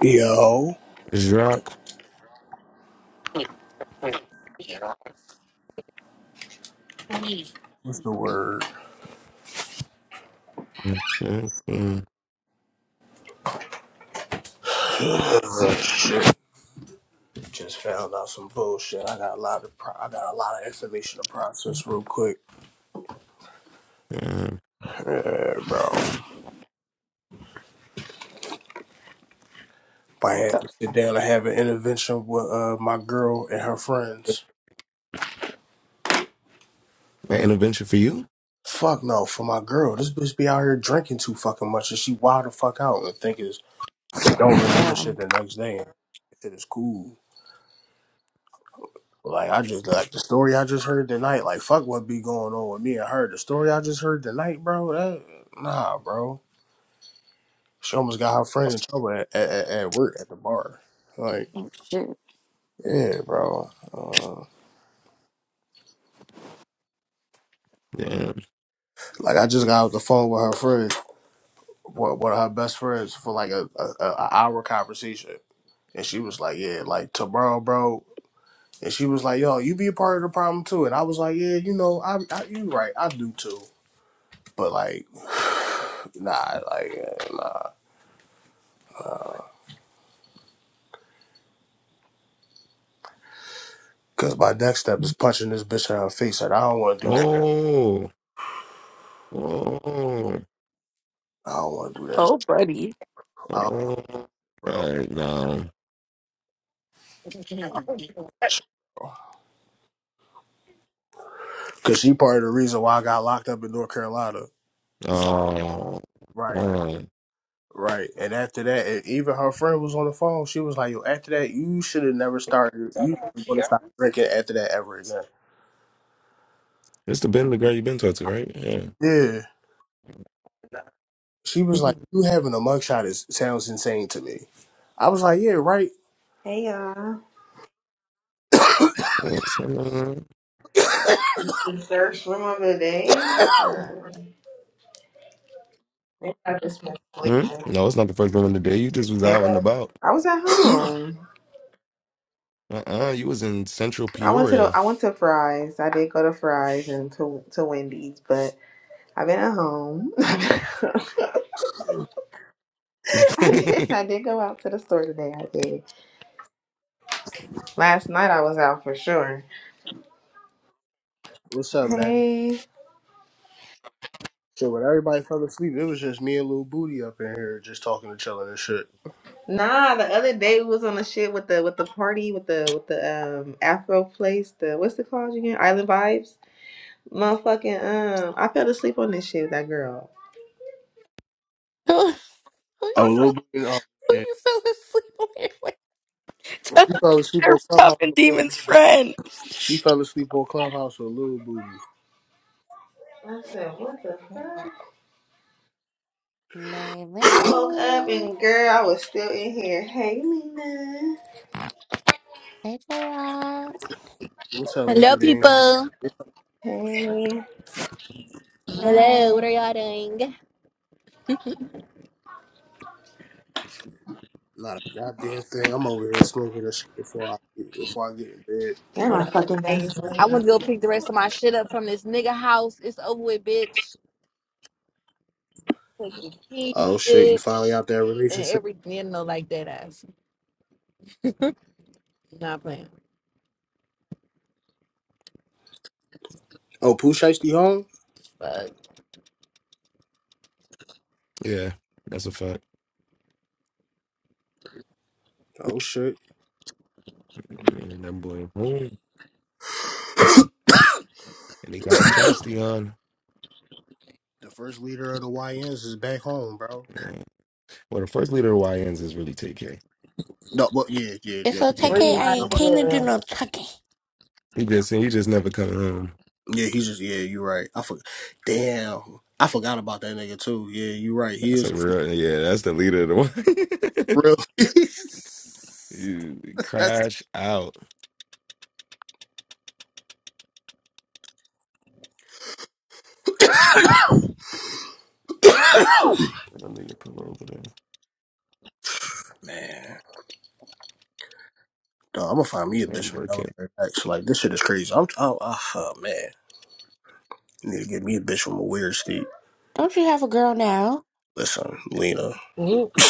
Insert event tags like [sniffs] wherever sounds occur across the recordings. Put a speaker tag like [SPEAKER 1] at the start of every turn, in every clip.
[SPEAKER 1] Yo,
[SPEAKER 2] Jacques,
[SPEAKER 1] what's the word?
[SPEAKER 2] mm, mm, mm,
[SPEAKER 1] Ugh, shit, just found out some bullshit. I got a lot of pro- I got a lot of information to process real quick,
[SPEAKER 2] mm.
[SPEAKER 1] yeah, bro. I
[SPEAKER 3] What
[SPEAKER 1] had
[SPEAKER 3] the
[SPEAKER 1] to sit
[SPEAKER 3] fuck?
[SPEAKER 1] down and have an intervention with uh, my girl and her friends.
[SPEAKER 2] an intervention for you?
[SPEAKER 1] Fuck no, for my girl, this bitch be out here drinking too fucking much, and she wild the fuck out and think is don't remember shit
[SPEAKER 3] Damn.
[SPEAKER 1] the next day. Shit is cool. Like I just like the story I just heard tonight. Like fuck what be going on with me and her. The story I just heard tonight, bro. That, nah, bro. She almost got her friend in trouble at, at, at at work at the bar. Like
[SPEAKER 3] Oh, Shit.
[SPEAKER 1] yeah, bro. Uh,
[SPEAKER 2] Yeah.
[SPEAKER 1] like I just got off the phone with her friend, one one of her best friends, for like a, a, a a hour conversation, and she was like, yeah, like tomorrow, bro. And she was like, yo, you be a part of the problem too. And I was like, yeah, you know, I, I you right, I do too. But like, [sighs] nah, like. uh, nah. Cause my next step is punching this bitch in her face, and I don't want to do that.
[SPEAKER 2] Oh, oh,
[SPEAKER 1] I don't want to do that,
[SPEAKER 3] Oh, buddy.
[SPEAKER 1] I don't,
[SPEAKER 2] oh.
[SPEAKER 1] bro.
[SPEAKER 2] Right now.
[SPEAKER 1] Cause she part of the reason why I got locked up in North Carolina.
[SPEAKER 2] Oh,
[SPEAKER 1] Right,
[SPEAKER 2] oh.
[SPEAKER 1] right. And after that, and even her friend was on the phone. She was like, "Yo, after that, you should have never started. You want to stop drinking after that ever again."
[SPEAKER 2] It's the Ben the girl you've been talking to, right?
[SPEAKER 1] Yeah. She was
[SPEAKER 2] Yeah.
[SPEAKER 1] like, "You having a mugshot is sounds insane to me." I was like, "Yeah, right." [coughs]
[SPEAKER 4] Hey y'all.
[SPEAKER 2] Yes, I know.
[SPEAKER 4] The search room of the day. Or maybe I just been
[SPEAKER 2] Hmm?
[SPEAKER 4] sleeping.
[SPEAKER 2] No, it's not the first one of the day. You just was
[SPEAKER 4] Maybe
[SPEAKER 2] out
[SPEAKER 4] I,
[SPEAKER 2] and about.
[SPEAKER 4] I was at home.
[SPEAKER 2] Uh uh you was in central
[SPEAKER 4] I went to the
[SPEAKER 2] Peoria.
[SPEAKER 4] I went to Fry's. I did go to Fry's and to to Wendy's, but I've been at home. [laughs] I
[SPEAKER 2] [laughs]
[SPEAKER 4] did I
[SPEAKER 2] yeah,
[SPEAKER 4] did go out to the store today. I did. Last night I was out for sure.
[SPEAKER 1] What's up, man?
[SPEAKER 4] Hey.
[SPEAKER 1] Shit, when everybody fell asleep, it was just me and Lil Booty up in here just talking to each other and shit.
[SPEAKER 4] Nah, the other day we was on the shit with the with the party with the with the um Afro place, the what's it called again? Island Vibes. Motherfucking um, I fell asleep on this shit with that girl.
[SPEAKER 5] [laughs] Who, who you
[SPEAKER 1] Oh, Lil
[SPEAKER 5] fell?
[SPEAKER 1] Booty. You
[SPEAKER 5] Who
[SPEAKER 1] man.
[SPEAKER 5] you fell asleep [laughs] on your
[SPEAKER 3] [laughs]
[SPEAKER 1] she fell asleep
[SPEAKER 3] They're
[SPEAKER 1] on
[SPEAKER 3] tough
[SPEAKER 1] Clubhouse.
[SPEAKER 3] and
[SPEAKER 1] With Lil,
[SPEAKER 3] Demon's friend.
[SPEAKER 1] she fell asleep on Clubhouse with Lil Booty.
[SPEAKER 4] I said, what the
[SPEAKER 5] way?
[SPEAKER 4] fuck? I woke up
[SPEAKER 5] Maylene,
[SPEAKER 4] and girl, I was still in here. Hey, Lena.
[SPEAKER 5] hey J Rock,
[SPEAKER 1] What's up,
[SPEAKER 6] Hello,
[SPEAKER 1] Lean Bean?
[SPEAKER 6] people.
[SPEAKER 4] Hey.
[SPEAKER 6] Hello, what
[SPEAKER 5] hi.
[SPEAKER 6] are y'all doing?
[SPEAKER 1] Not a goddamn thing. I'm over here smoking this shit before I before I get in bed.
[SPEAKER 4] And
[SPEAKER 6] Oh,
[SPEAKER 4] my
[SPEAKER 6] that's
[SPEAKER 4] fucking
[SPEAKER 6] nice. I
[SPEAKER 4] Vaseline gone.
[SPEAKER 6] want to go pick the rest of my shit up from this nigga house. It's over with, bitch. Take the keys,
[SPEAKER 1] Oh shit, you finally
[SPEAKER 6] bitch.
[SPEAKER 1] out that
[SPEAKER 6] And
[SPEAKER 1] relationship?
[SPEAKER 6] everything, you know, like that ass. Not playing.
[SPEAKER 1] Oh, Pooh Shiesty home?
[SPEAKER 6] Fuck.
[SPEAKER 2] that's a fact.
[SPEAKER 1] Oh shit.
[SPEAKER 2] And that boy home.
[SPEAKER 1] [coughs] the
[SPEAKER 2] And they got a chasty on.
[SPEAKER 1] first leader of the YNs is back home, bro.
[SPEAKER 2] Yeah. Well, the first leader of YNs is really TK.
[SPEAKER 1] No, but yeah, yeah,
[SPEAKER 5] It's
[SPEAKER 1] yeah, yeah.
[SPEAKER 6] Free
[SPEAKER 5] okay. I
[SPEAKER 2] [laughs]
[SPEAKER 6] my
[SPEAKER 1] How
[SPEAKER 5] ain't
[SPEAKER 1] about that?
[SPEAKER 5] came to do
[SPEAKER 6] nigga.
[SPEAKER 5] no tucking.
[SPEAKER 2] he just he just never come home.
[SPEAKER 1] Yeah, he's just yeah, you're right. I for, damn. I forgot about that nigga too. Yeah, you're right. He
[SPEAKER 2] That's a
[SPEAKER 1] is the first
[SPEAKER 2] real yeah, that's the leader of the one.
[SPEAKER 1] real
[SPEAKER 2] [laughs]
[SPEAKER 1] [laughs]
[SPEAKER 2] you
[SPEAKER 1] That's
[SPEAKER 2] crash out.
[SPEAKER 1] the
[SPEAKER 2] And then they pull over there.
[SPEAKER 1] [coughs] man. Dog, I'm gonna find me a bitch from
[SPEAKER 2] Remember,
[SPEAKER 1] Delaware X. Like this shit is crazy. I'm oh, uh, oh man. Need to get me a bitch from a weird state.
[SPEAKER 5] Don't you have a girl now?
[SPEAKER 1] Listen, Lena. [laughs]
[SPEAKER 6] Whoop.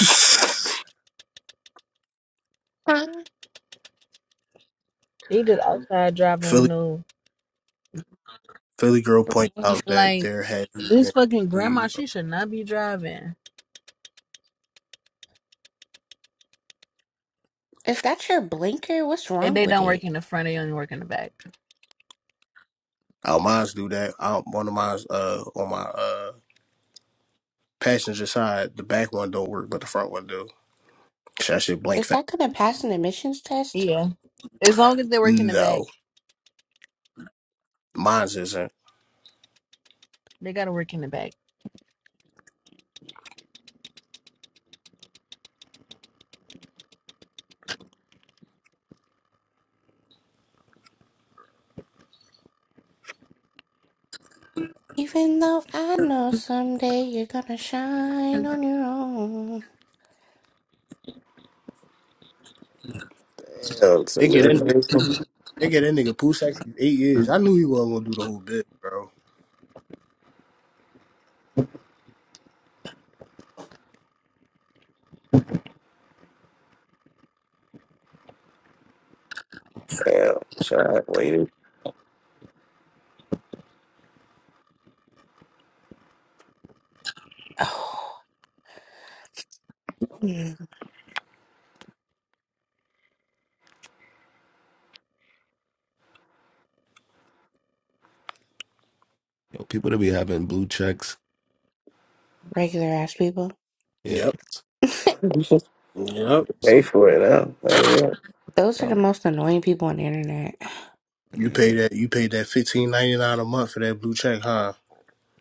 [SPEAKER 5] Huh?
[SPEAKER 6] He just outside driving with
[SPEAKER 1] Philly
[SPEAKER 6] no.
[SPEAKER 1] Philly girl points out that
[SPEAKER 6] Like,
[SPEAKER 1] there has
[SPEAKER 6] this
[SPEAKER 1] been
[SPEAKER 6] fucking grandma, she should not be driving.
[SPEAKER 5] Is that your blinker? What's
[SPEAKER 6] If
[SPEAKER 5] wrong
[SPEAKER 6] they
[SPEAKER 5] with
[SPEAKER 6] don't work
[SPEAKER 5] it?
[SPEAKER 6] in the front, they only work in the back.
[SPEAKER 1] oh mine's do that. I, one of mine's uh on my uh passenger side, the back one don't work, but the front one do. Shit, That shit blank
[SPEAKER 5] Is
[SPEAKER 1] fat.
[SPEAKER 5] that gonna pass an admissions test?
[SPEAKER 6] Yeah. As long as they work in the back,
[SPEAKER 1] No, mine's isn't.
[SPEAKER 6] they gotta work in the back.
[SPEAKER 5] Even though I know someday you're gonna shine on your own. [sighs]
[SPEAKER 7] Damn, some
[SPEAKER 1] They get in.
[SPEAKER 7] nigga.
[SPEAKER 1] They get that nigga poo sex for eight years. I knew he wasn't gonna do the whole bit, bro.
[SPEAKER 7] Damn, shot waiting.
[SPEAKER 5] Oh, mm,
[SPEAKER 2] Yo, people that be having blue checks.
[SPEAKER 5] regular ass people.
[SPEAKER 2] Yeah.
[SPEAKER 1] Yep.
[SPEAKER 7] [laughs]
[SPEAKER 1] Yep.
[SPEAKER 7] Pay
[SPEAKER 2] Some,
[SPEAKER 7] for it now. Oh yeah.
[SPEAKER 5] Those are the
[SPEAKER 2] um,
[SPEAKER 5] most annoying people on the internet.
[SPEAKER 1] You paid
[SPEAKER 2] yeah.
[SPEAKER 1] that. You paid that fifteen ninety nine a month for that blue check, huh?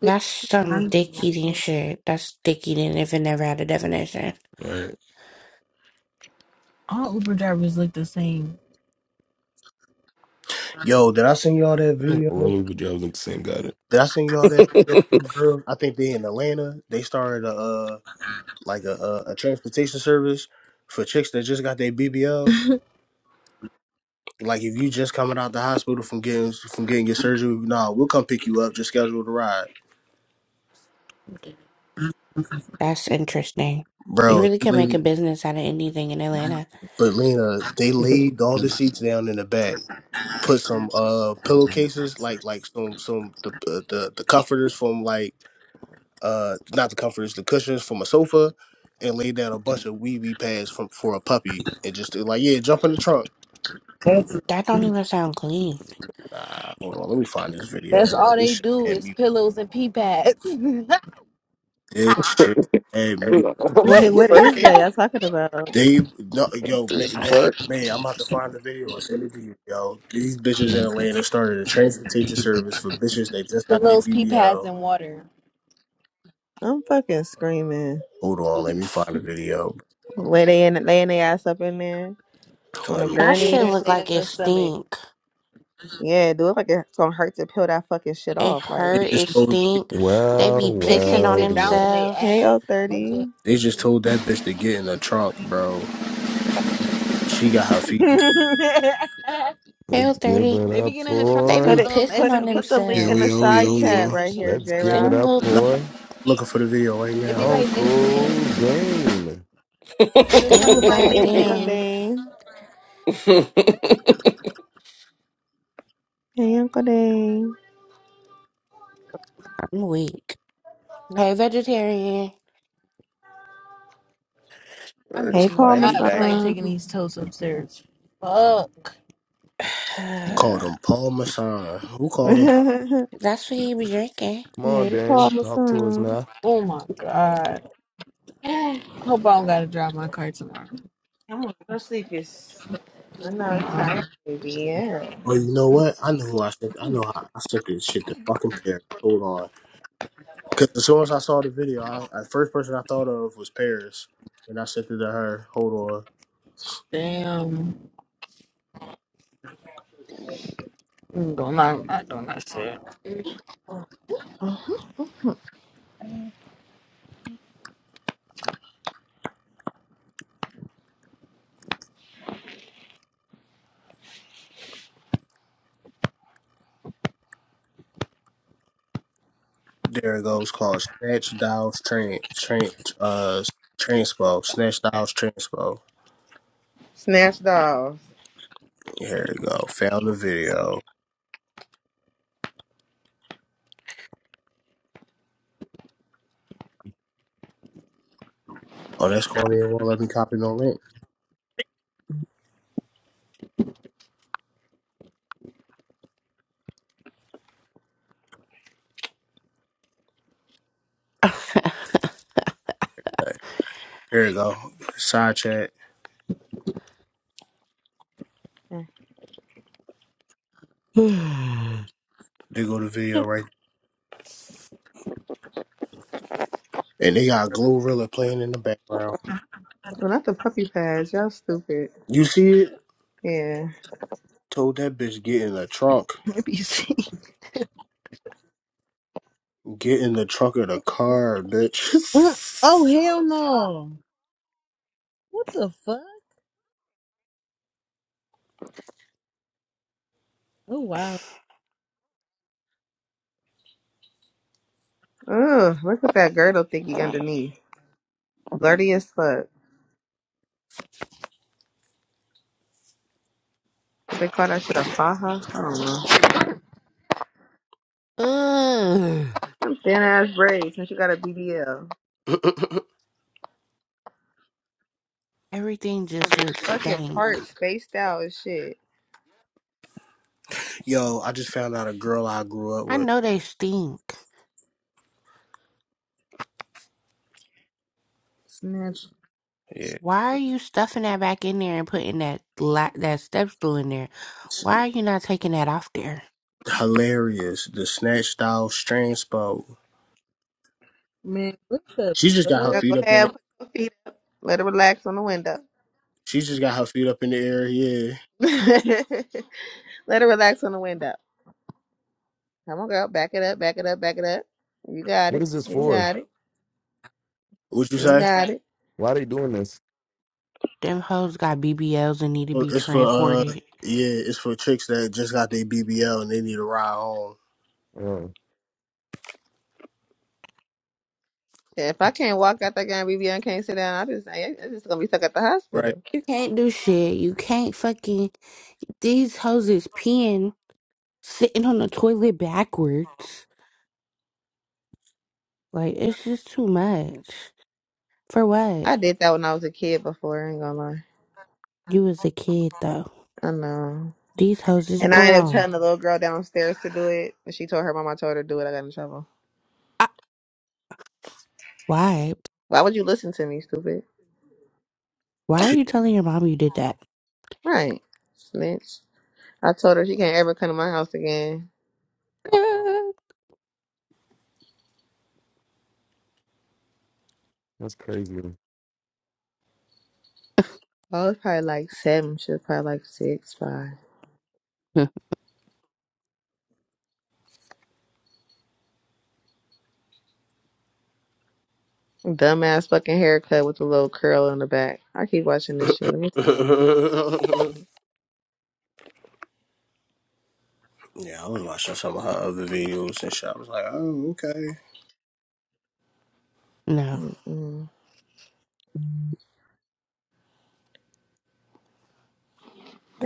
[SPEAKER 5] That's some dick eating
[SPEAKER 6] ninety-nine.
[SPEAKER 5] shit. That's dick eating if it never had a definition.
[SPEAKER 2] Right.
[SPEAKER 6] All Uber drivers look the same.
[SPEAKER 1] Yo, did I send y'all that video?
[SPEAKER 2] Roller with Jobs look the same. guy. it.
[SPEAKER 1] Did I send y'all that video? of them
[SPEAKER 7] [laughs]
[SPEAKER 1] girls? I think they in Atlanta. They started a uh, like a, a a transportation service for chicks that just got their BBL. Like if you just coming out the hospital from getting from getting your surgery, nah, we'll come pick you up. Just schedule the ride,
[SPEAKER 5] That's interesting. You
[SPEAKER 1] bro.
[SPEAKER 5] really can make a business out of anything in Atlanta.
[SPEAKER 1] But Lena, they laid all the seats down in the back, put some uh pillowcases like like some some the uh, the the comforters from like uh not the comforters the cushions from a sofa, and laid down a bunch of weavy pads from for a puppy and just they're like yeah, jump in the trunk.
[SPEAKER 5] That don't even sound clean.
[SPEAKER 1] Nah, hold on, let me find this video,
[SPEAKER 6] That's
[SPEAKER 1] bro.
[SPEAKER 6] all
[SPEAKER 1] This
[SPEAKER 6] they
[SPEAKER 1] shit
[SPEAKER 6] do
[SPEAKER 1] had
[SPEAKER 6] is
[SPEAKER 1] me.
[SPEAKER 6] pillows and pee pads.
[SPEAKER 1] This shit had
[SPEAKER 7] what
[SPEAKER 1] me.
[SPEAKER 4] Wait, what is
[SPEAKER 7] the
[SPEAKER 4] that y'all talking about?
[SPEAKER 1] They no, yo man, man,
[SPEAKER 7] fuck? [laughs]
[SPEAKER 1] man, I'm about to find the video and send it to you, yo. These bitches in Atlanta started a transportation service for bitches that
[SPEAKER 6] [laughs]
[SPEAKER 1] just got their
[SPEAKER 6] pillows, pee pads,
[SPEAKER 1] BBL.
[SPEAKER 6] and water.
[SPEAKER 4] I'm fucking screaming.
[SPEAKER 1] Hold on, let me find the video.
[SPEAKER 4] Where they in, laying their ass up in there on a
[SPEAKER 1] Let me.
[SPEAKER 6] You
[SPEAKER 5] That
[SPEAKER 6] get
[SPEAKER 4] gurney
[SPEAKER 6] in
[SPEAKER 5] shit
[SPEAKER 4] and
[SPEAKER 6] there and
[SPEAKER 5] look
[SPEAKER 6] lay
[SPEAKER 4] shit.
[SPEAKER 5] like
[SPEAKER 6] on
[SPEAKER 5] it
[SPEAKER 6] your stomach.
[SPEAKER 5] stink.
[SPEAKER 4] Yeah, do it like it's gonna hurt to peel that fucking shit
[SPEAKER 5] It
[SPEAKER 4] off. Like,
[SPEAKER 1] They
[SPEAKER 5] hurt, it
[SPEAKER 1] just told
[SPEAKER 5] stink. They
[SPEAKER 2] Well,
[SPEAKER 5] be
[SPEAKER 6] They
[SPEAKER 5] pissing
[SPEAKER 6] can't
[SPEAKER 5] on
[SPEAKER 2] well,
[SPEAKER 6] sit down on
[SPEAKER 2] well.
[SPEAKER 6] their
[SPEAKER 4] hey,
[SPEAKER 6] ass.
[SPEAKER 5] themselves.
[SPEAKER 4] O
[SPEAKER 6] Okay.
[SPEAKER 4] thirty.
[SPEAKER 1] they just told that bitch to get in the trunk, bro. She got her feet.
[SPEAKER 6] [laughs]
[SPEAKER 2] Let's
[SPEAKER 5] Hell
[SPEAKER 2] give
[SPEAKER 5] 30.
[SPEAKER 2] it
[SPEAKER 6] they be
[SPEAKER 2] up
[SPEAKER 6] getting in the trunk
[SPEAKER 5] They
[SPEAKER 6] of them
[SPEAKER 4] Put
[SPEAKER 5] be
[SPEAKER 2] for.
[SPEAKER 4] it,
[SPEAKER 6] um
[SPEAKER 5] pissing
[SPEAKER 4] put
[SPEAKER 5] on
[SPEAKER 4] it, put
[SPEAKER 6] SUVs.
[SPEAKER 4] the
[SPEAKER 6] I mean,
[SPEAKER 4] link
[SPEAKER 8] Yo,
[SPEAKER 4] in the
[SPEAKER 5] themselves.
[SPEAKER 6] um,
[SPEAKER 8] yo,
[SPEAKER 4] side
[SPEAKER 8] yo, yo.
[SPEAKER 4] chat
[SPEAKER 6] minivans and
[SPEAKER 4] right here,
[SPEAKER 6] shit.
[SPEAKER 2] Let's
[SPEAKER 4] J
[SPEAKER 2] give it
[SPEAKER 4] Rock.
[SPEAKER 5] Them
[SPEAKER 2] up
[SPEAKER 5] look,
[SPEAKER 1] Nah, I'm
[SPEAKER 2] for
[SPEAKER 6] It
[SPEAKER 1] looking for the video right
[SPEAKER 6] be
[SPEAKER 1] now.
[SPEAKER 6] like
[SPEAKER 2] Uncle
[SPEAKER 6] minivans.
[SPEAKER 2] Dane.
[SPEAKER 6] Get in the trunk of
[SPEAKER 5] them
[SPEAKER 6] my
[SPEAKER 4] Hey, Uncle
[SPEAKER 5] goddamn,
[SPEAKER 6] minivan.
[SPEAKER 4] Dane. Hey, Uncle Dave.
[SPEAKER 5] I'm weak. Hey, vegetarian.
[SPEAKER 6] I do
[SPEAKER 4] Hey,
[SPEAKER 7] First
[SPEAKER 4] Paul my
[SPEAKER 7] claim,
[SPEAKER 6] not feel like
[SPEAKER 7] dang.
[SPEAKER 6] taking
[SPEAKER 4] son.
[SPEAKER 6] these toes upstairs. Fuck.
[SPEAKER 1] Called
[SPEAKER 5] [sighs]
[SPEAKER 1] him Paul Masson. Who
[SPEAKER 4] [laughs]
[SPEAKER 1] called him?
[SPEAKER 4] hey,
[SPEAKER 5] That's what he be drinking.
[SPEAKER 2] Come on,
[SPEAKER 4] Paul
[SPEAKER 2] Dan.
[SPEAKER 4] my
[SPEAKER 2] Talk to us
[SPEAKER 4] son.
[SPEAKER 2] now.
[SPEAKER 6] Oh my god.
[SPEAKER 4] I'm
[SPEAKER 6] I hope I don't gotta drive my car tomorrow.
[SPEAKER 4] gonna go sleep. It's I know
[SPEAKER 6] Me,
[SPEAKER 4] it's
[SPEAKER 6] um,
[SPEAKER 4] tired, baby. Yeah.
[SPEAKER 1] Oh, you know what? I know who I sent. I know how I sent this shit to fucking Paris. Hold on. Because as soon as I saw the video, I, I first person I thought of was Paris, and I sent it to her. Hold on,
[SPEAKER 6] Damn. Mm, Don't not, not doing that shit.
[SPEAKER 4] Mhm.
[SPEAKER 1] there it goes. Called Snatch Dials Tran Tran uh Transpo Snatch Dials Transpo.
[SPEAKER 4] Snatch dolls.
[SPEAKER 1] Here we go. Found the video. Oh, that's corny. It won't let me copy no link. Okay. Here we go. Side chat.
[SPEAKER 4] Well,
[SPEAKER 1] There go the video right. And they got Glorilla playing in the background.
[SPEAKER 4] not the puppy pads. Y'all stupid.
[SPEAKER 1] You see it?
[SPEAKER 4] Yeah.
[SPEAKER 1] Told that bitch get in the trunk.
[SPEAKER 6] Let me see. [laughs]
[SPEAKER 1] Get in the trunk of the car, bitch.
[SPEAKER 6] Mm. Oh hell no! What the fuck?
[SPEAKER 4] Ugh. Look at that girdle thingy underneath. Blurry as fuck. They call that shit a faja. I don't know.
[SPEAKER 5] Ugh.
[SPEAKER 4] Some thin ass braids. Since you got a BBL.
[SPEAKER 1] [laughs]
[SPEAKER 5] Everything just looks
[SPEAKER 4] Fucking
[SPEAKER 5] stank.
[SPEAKER 4] part spaced out as shit.
[SPEAKER 1] Yo, I just found out a girl I grew up
[SPEAKER 5] I
[SPEAKER 1] with.
[SPEAKER 5] know they stink.
[SPEAKER 6] Snatch
[SPEAKER 1] Yeah.
[SPEAKER 5] Why are you stuffing that back in there and putting that la- that step stool in there?
[SPEAKER 1] It's
[SPEAKER 5] Why are you not taking that off there?
[SPEAKER 1] hilarious. The snatch style transpo.
[SPEAKER 6] man, what the
[SPEAKER 1] She just got her
[SPEAKER 4] Now
[SPEAKER 1] feet
[SPEAKER 4] go
[SPEAKER 1] up in
[SPEAKER 4] ahead.
[SPEAKER 1] it.
[SPEAKER 4] Put your feet. Let it relax on the window.
[SPEAKER 1] She just got her feet up in the air. Yeah.
[SPEAKER 4] [laughs] Let her relax on the window. Come on, girl. Back it up. Back it up. Back it up. You got
[SPEAKER 2] What
[SPEAKER 4] it.
[SPEAKER 2] is this
[SPEAKER 4] You
[SPEAKER 2] for?
[SPEAKER 4] got it.
[SPEAKER 1] What you
[SPEAKER 4] You
[SPEAKER 1] say?
[SPEAKER 4] got it.
[SPEAKER 2] Why are they doing this?
[SPEAKER 5] Them hoes got BBLs and need to
[SPEAKER 1] Well,
[SPEAKER 5] be
[SPEAKER 1] It's for uh,
[SPEAKER 5] transported.
[SPEAKER 1] yeah, it's for chicks that just got their BBL and they need a ride home.
[SPEAKER 2] Oh,
[SPEAKER 4] If I can't walk out that guy, BB and Vivian can't sit down, I just I- i just gonna be stuck at the
[SPEAKER 1] Right.
[SPEAKER 4] hospital.
[SPEAKER 5] You can't do shit. You can't fucking. These hoes is peeing, sitting on the toilet backwards. Like, it's just too much. For what?
[SPEAKER 4] I did that when I was a kid before. I ain't gonna lie.
[SPEAKER 5] You was a kid, though.
[SPEAKER 4] I know.
[SPEAKER 5] These hoes is
[SPEAKER 4] And I ended up
[SPEAKER 5] grown.
[SPEAKER 4] telling the little girl downstairs to do it. And she told her mom I told her to do it. I got in trouble.
[SPEAKER 5] I- Why?
[SPEAKER 4] Why would you listen to me, stupid?
[SPEAKER 5] Why are you telling your mom you did that?
[SPEAKER 4] Right. Snitch. I told her she can't ever come to my house again.
[SPEAKER 5] [laughs]
[SPEAKER 2] that's crazy.
[SPEAKER 4] I was probably like seven. She was probably like six, five.
[SPEAKER 5] Huh,
[SPEAKER 4] Dumbass fucking haircut with a little curl in the back. I keep watching this shit. Let me stop.
[SPEAKER 1] [laughs] Yeah, I was watching some of her other videos and shit. I was like, oh, okay.
[SPEAKER 5] no.
[SPEAKER 4] Mm-mm.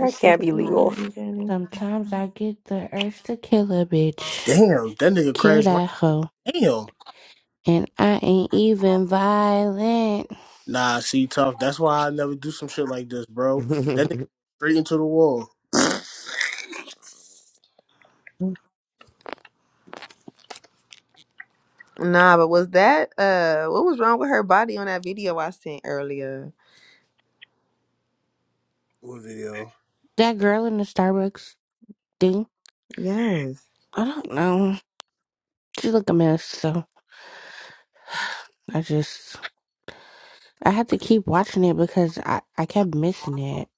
[SPEAKER 4] Is she
[SPEAKER 3] can't
[SPEAKER 4] the
[SPEAKER 3] be legal.
[SPEAKER 4] one getting-
[SPEAKER 5] Sometimes I get the urge to kill a bitch.
[SPEAKER 1] Damn, that nigga
[SPEAKER 5] Kill
[SPEAKER 1] crashed right.
[SPEAKER 5] that hoe.
[SPEAKER 1] Damn.
[SPEAKER 5] And I ain't even violent.
[SPEAKER 1] Nah, see, tough. That's why I never do some shit like this,
[SPEAKER 2] [laughs] we
[SPEAKER 1] bro. That nigga
[SPEAKER 2] got
[SPEAKER 1] straight into the wall. [sniffs]
[SPEAKER 4] Nah, but was that uh what was wrong with her body on that video I sent earlier?
[SPEAKER 1] What video?
[SPEAKER 5] That girl in the Starbucks thing,
[SPEAKER 4] Yes.
[SPEAKER 5] I don't know. She look a mess, so I just I had to keep watching it because I, I kept missing it.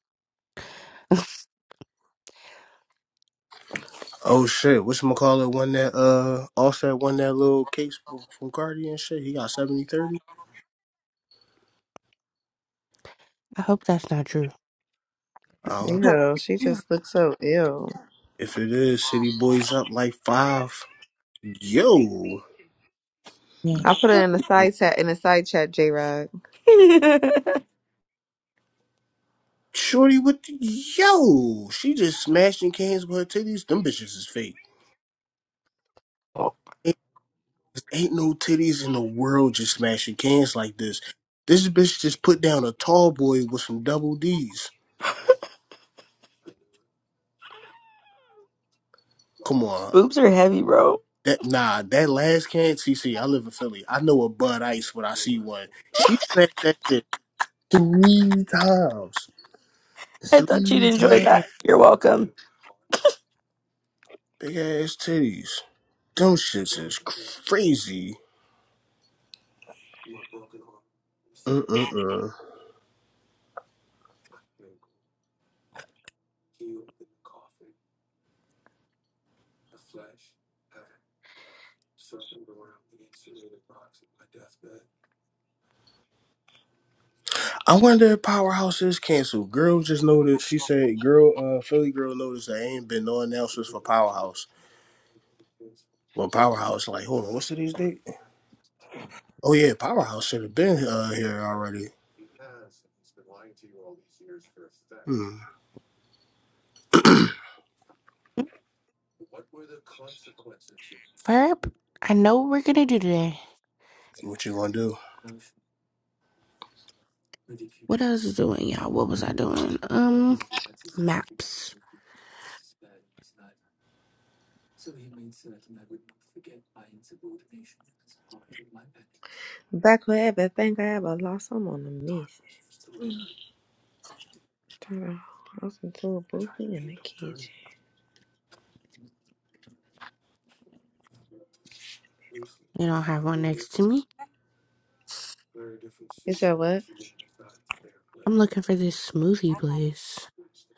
[SPEAKER 5] [laughs]
[SPEAKER 1] Oh shit! Which McCullough won that? Uh, Offset won that little case from, from Cardi and shit. He got seventy thirty.
[SPEAKER 5] I hope that's not true.
[SPEAKER 1] I don't know
[SPEAKER 4] Ew, she just looks so ill.
[SPEAKER 1] if it is. City boys up like five. Yo,
[SPEAKER 5] Yeah.
[SPEAKER 4] I put her in the side chat in the side chat, J Rod.
[SPEAKER 3] [laughs]
[SPEAKER 1] shorty with the, yo. She just smashing cans with her titties. Them bitches is fake.
[SPEAKER 3] oh,
[SPEAKER 1] Ain't no titties in the world just smashing cans like this. This bitch just put down a tall boy with some double D's. Come on.
[SPEAKER 3] boobs are heavy, bro.
[SPEAKER 1] That nah, that last can, CC, I live in Philly. I know a Bud Ice when I see one. She smashed that shit three times.
[SPEAKER 3] I thought you'd
[SPEAKER 1] Three
[SPEAKER 3] enjoy
[SPEAKER 1] times.
[SPEAKER 3] that. You're welcome.
[SPEAKER 1] Big ass titties. Them shits is crazy. Uh, uh, uh. I wonder if Powerhouse is canceled. Girl just noticed. She said, "Girl, uh, Philly girl noticed there ain't been no announcements for Powerhouse." Well, Powerhouse, like, hold on, what's today's date? Oh yeah, Powerhouse should have been uh, here already. Hmm,
[SPEAKER 5] Verb. I know what we're gonna do today.
[SPEAKER 1] what you gonna do?
[SPEAKER 5] What I was doing, y'all? What was I doing? Um, maps.
[SPEAKER 4] Back for everything I ever lost. I'm on the miss. Turn I into a booty in the kitchen.
[SPEAKER 5] You don't have one next to me.
[SPEAKER 4] Is that what?
[SPEAKER 5] I'm looking for this smoothie place.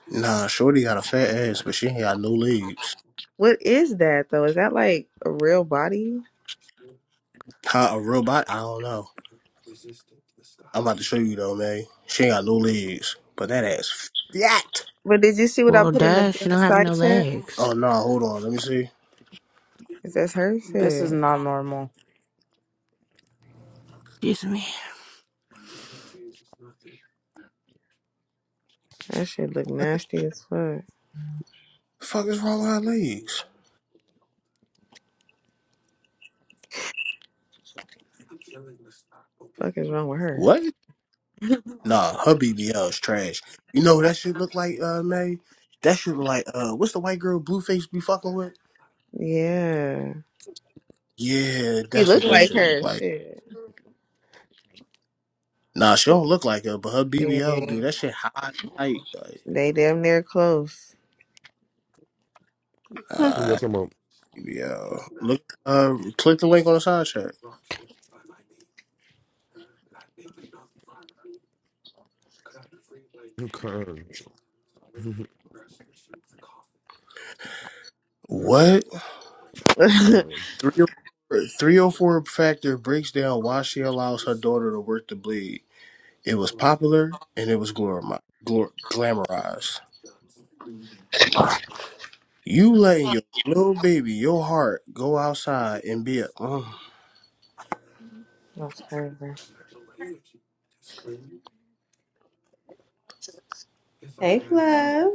[SPEAKER 1] Nah, Shorty got a fat ass, but she ain't got no legs.
[SPEAKER 4] What is that though? Is that like a real body?
[SPEAKER 1] How a robot? I don't know. I'm about to show you though, man. She ain't got no legs, but that ass fat.
[SPEAKER 4] But did you see what I
[SPEAKER 5] Well,
[SPEAKER 4] put in the,
[SPEAKER 5] duh,
[SPEAKER 4] in
[SPEAKER 5] she
[SPEAKER 4] the
[SPEAKER 5] don't have
[SPEAKER 4] side
[SPEAKER 5] no
[SPEAKER 4] chat?
[SPEAKER 5] legs.
[SPEAKER 1] Oh no, nah, hold on, let me see.
[SPEAKER 4] It says her
[SPEAKER 3] This is
[SPEAKER 4] shit?
[SPEAKER 3] not normal.
[SPEAKER 5] Excuse me.
[SPEAKER 4] that shit look nasty as fuck.
[SPEAKER 1] The fuck is wrong with her legs?
[SPEAKER 4] Fuck is wrong with her?
[SPEAKER 1] What? Nah, her BBL is trash. You know what that shit look like, uh, May? That shit look like uh, what's the white girl Blueface be fucking with?
[SPEAKER 4] Yeah,
[SPEAKER 1] Yeah,
[SPEAKER 4] you
[SPEAKER 1] that's
[SPEAKER 4] look
[SPEAKER 1] what
[SPEAKER 6] fuck?
[SPEAKER 1] that
[SPEAKER 4] like
[SPEAKER 1] shit look
[SPEAKER 4] her.
[SPEAKER 1] like.
[SPEAKER 4] Shit.
[SPEAKER 1] Nah, she don't look like her, but her BBL,
[SPEAKER 4] Yeah,
[SPEAKER 1] dude, that shit high tight. Like,
[SPEAKER 4] they damn near close.
[SPEAKER 1] nah,
[SPEAKER 2] talking about.
[SPEAKER 1] BBL. Look, uh, click the link on the side chat.
[SPEAKER 2] Okay.
[SPEAKER 1] What?
[SPEAKER 4] [laughs] That's
[SPEAKER 2] [laughs]
[SPEAKER 1] Three or three or four factor breaks down why she allows her daughter to work the bleed. It was popular and it was glorimi- glor- glamorized. You letting your little baby, your heart, go outside and be a mm.
[SPEAKER 4] crazy. Hey, Fluff.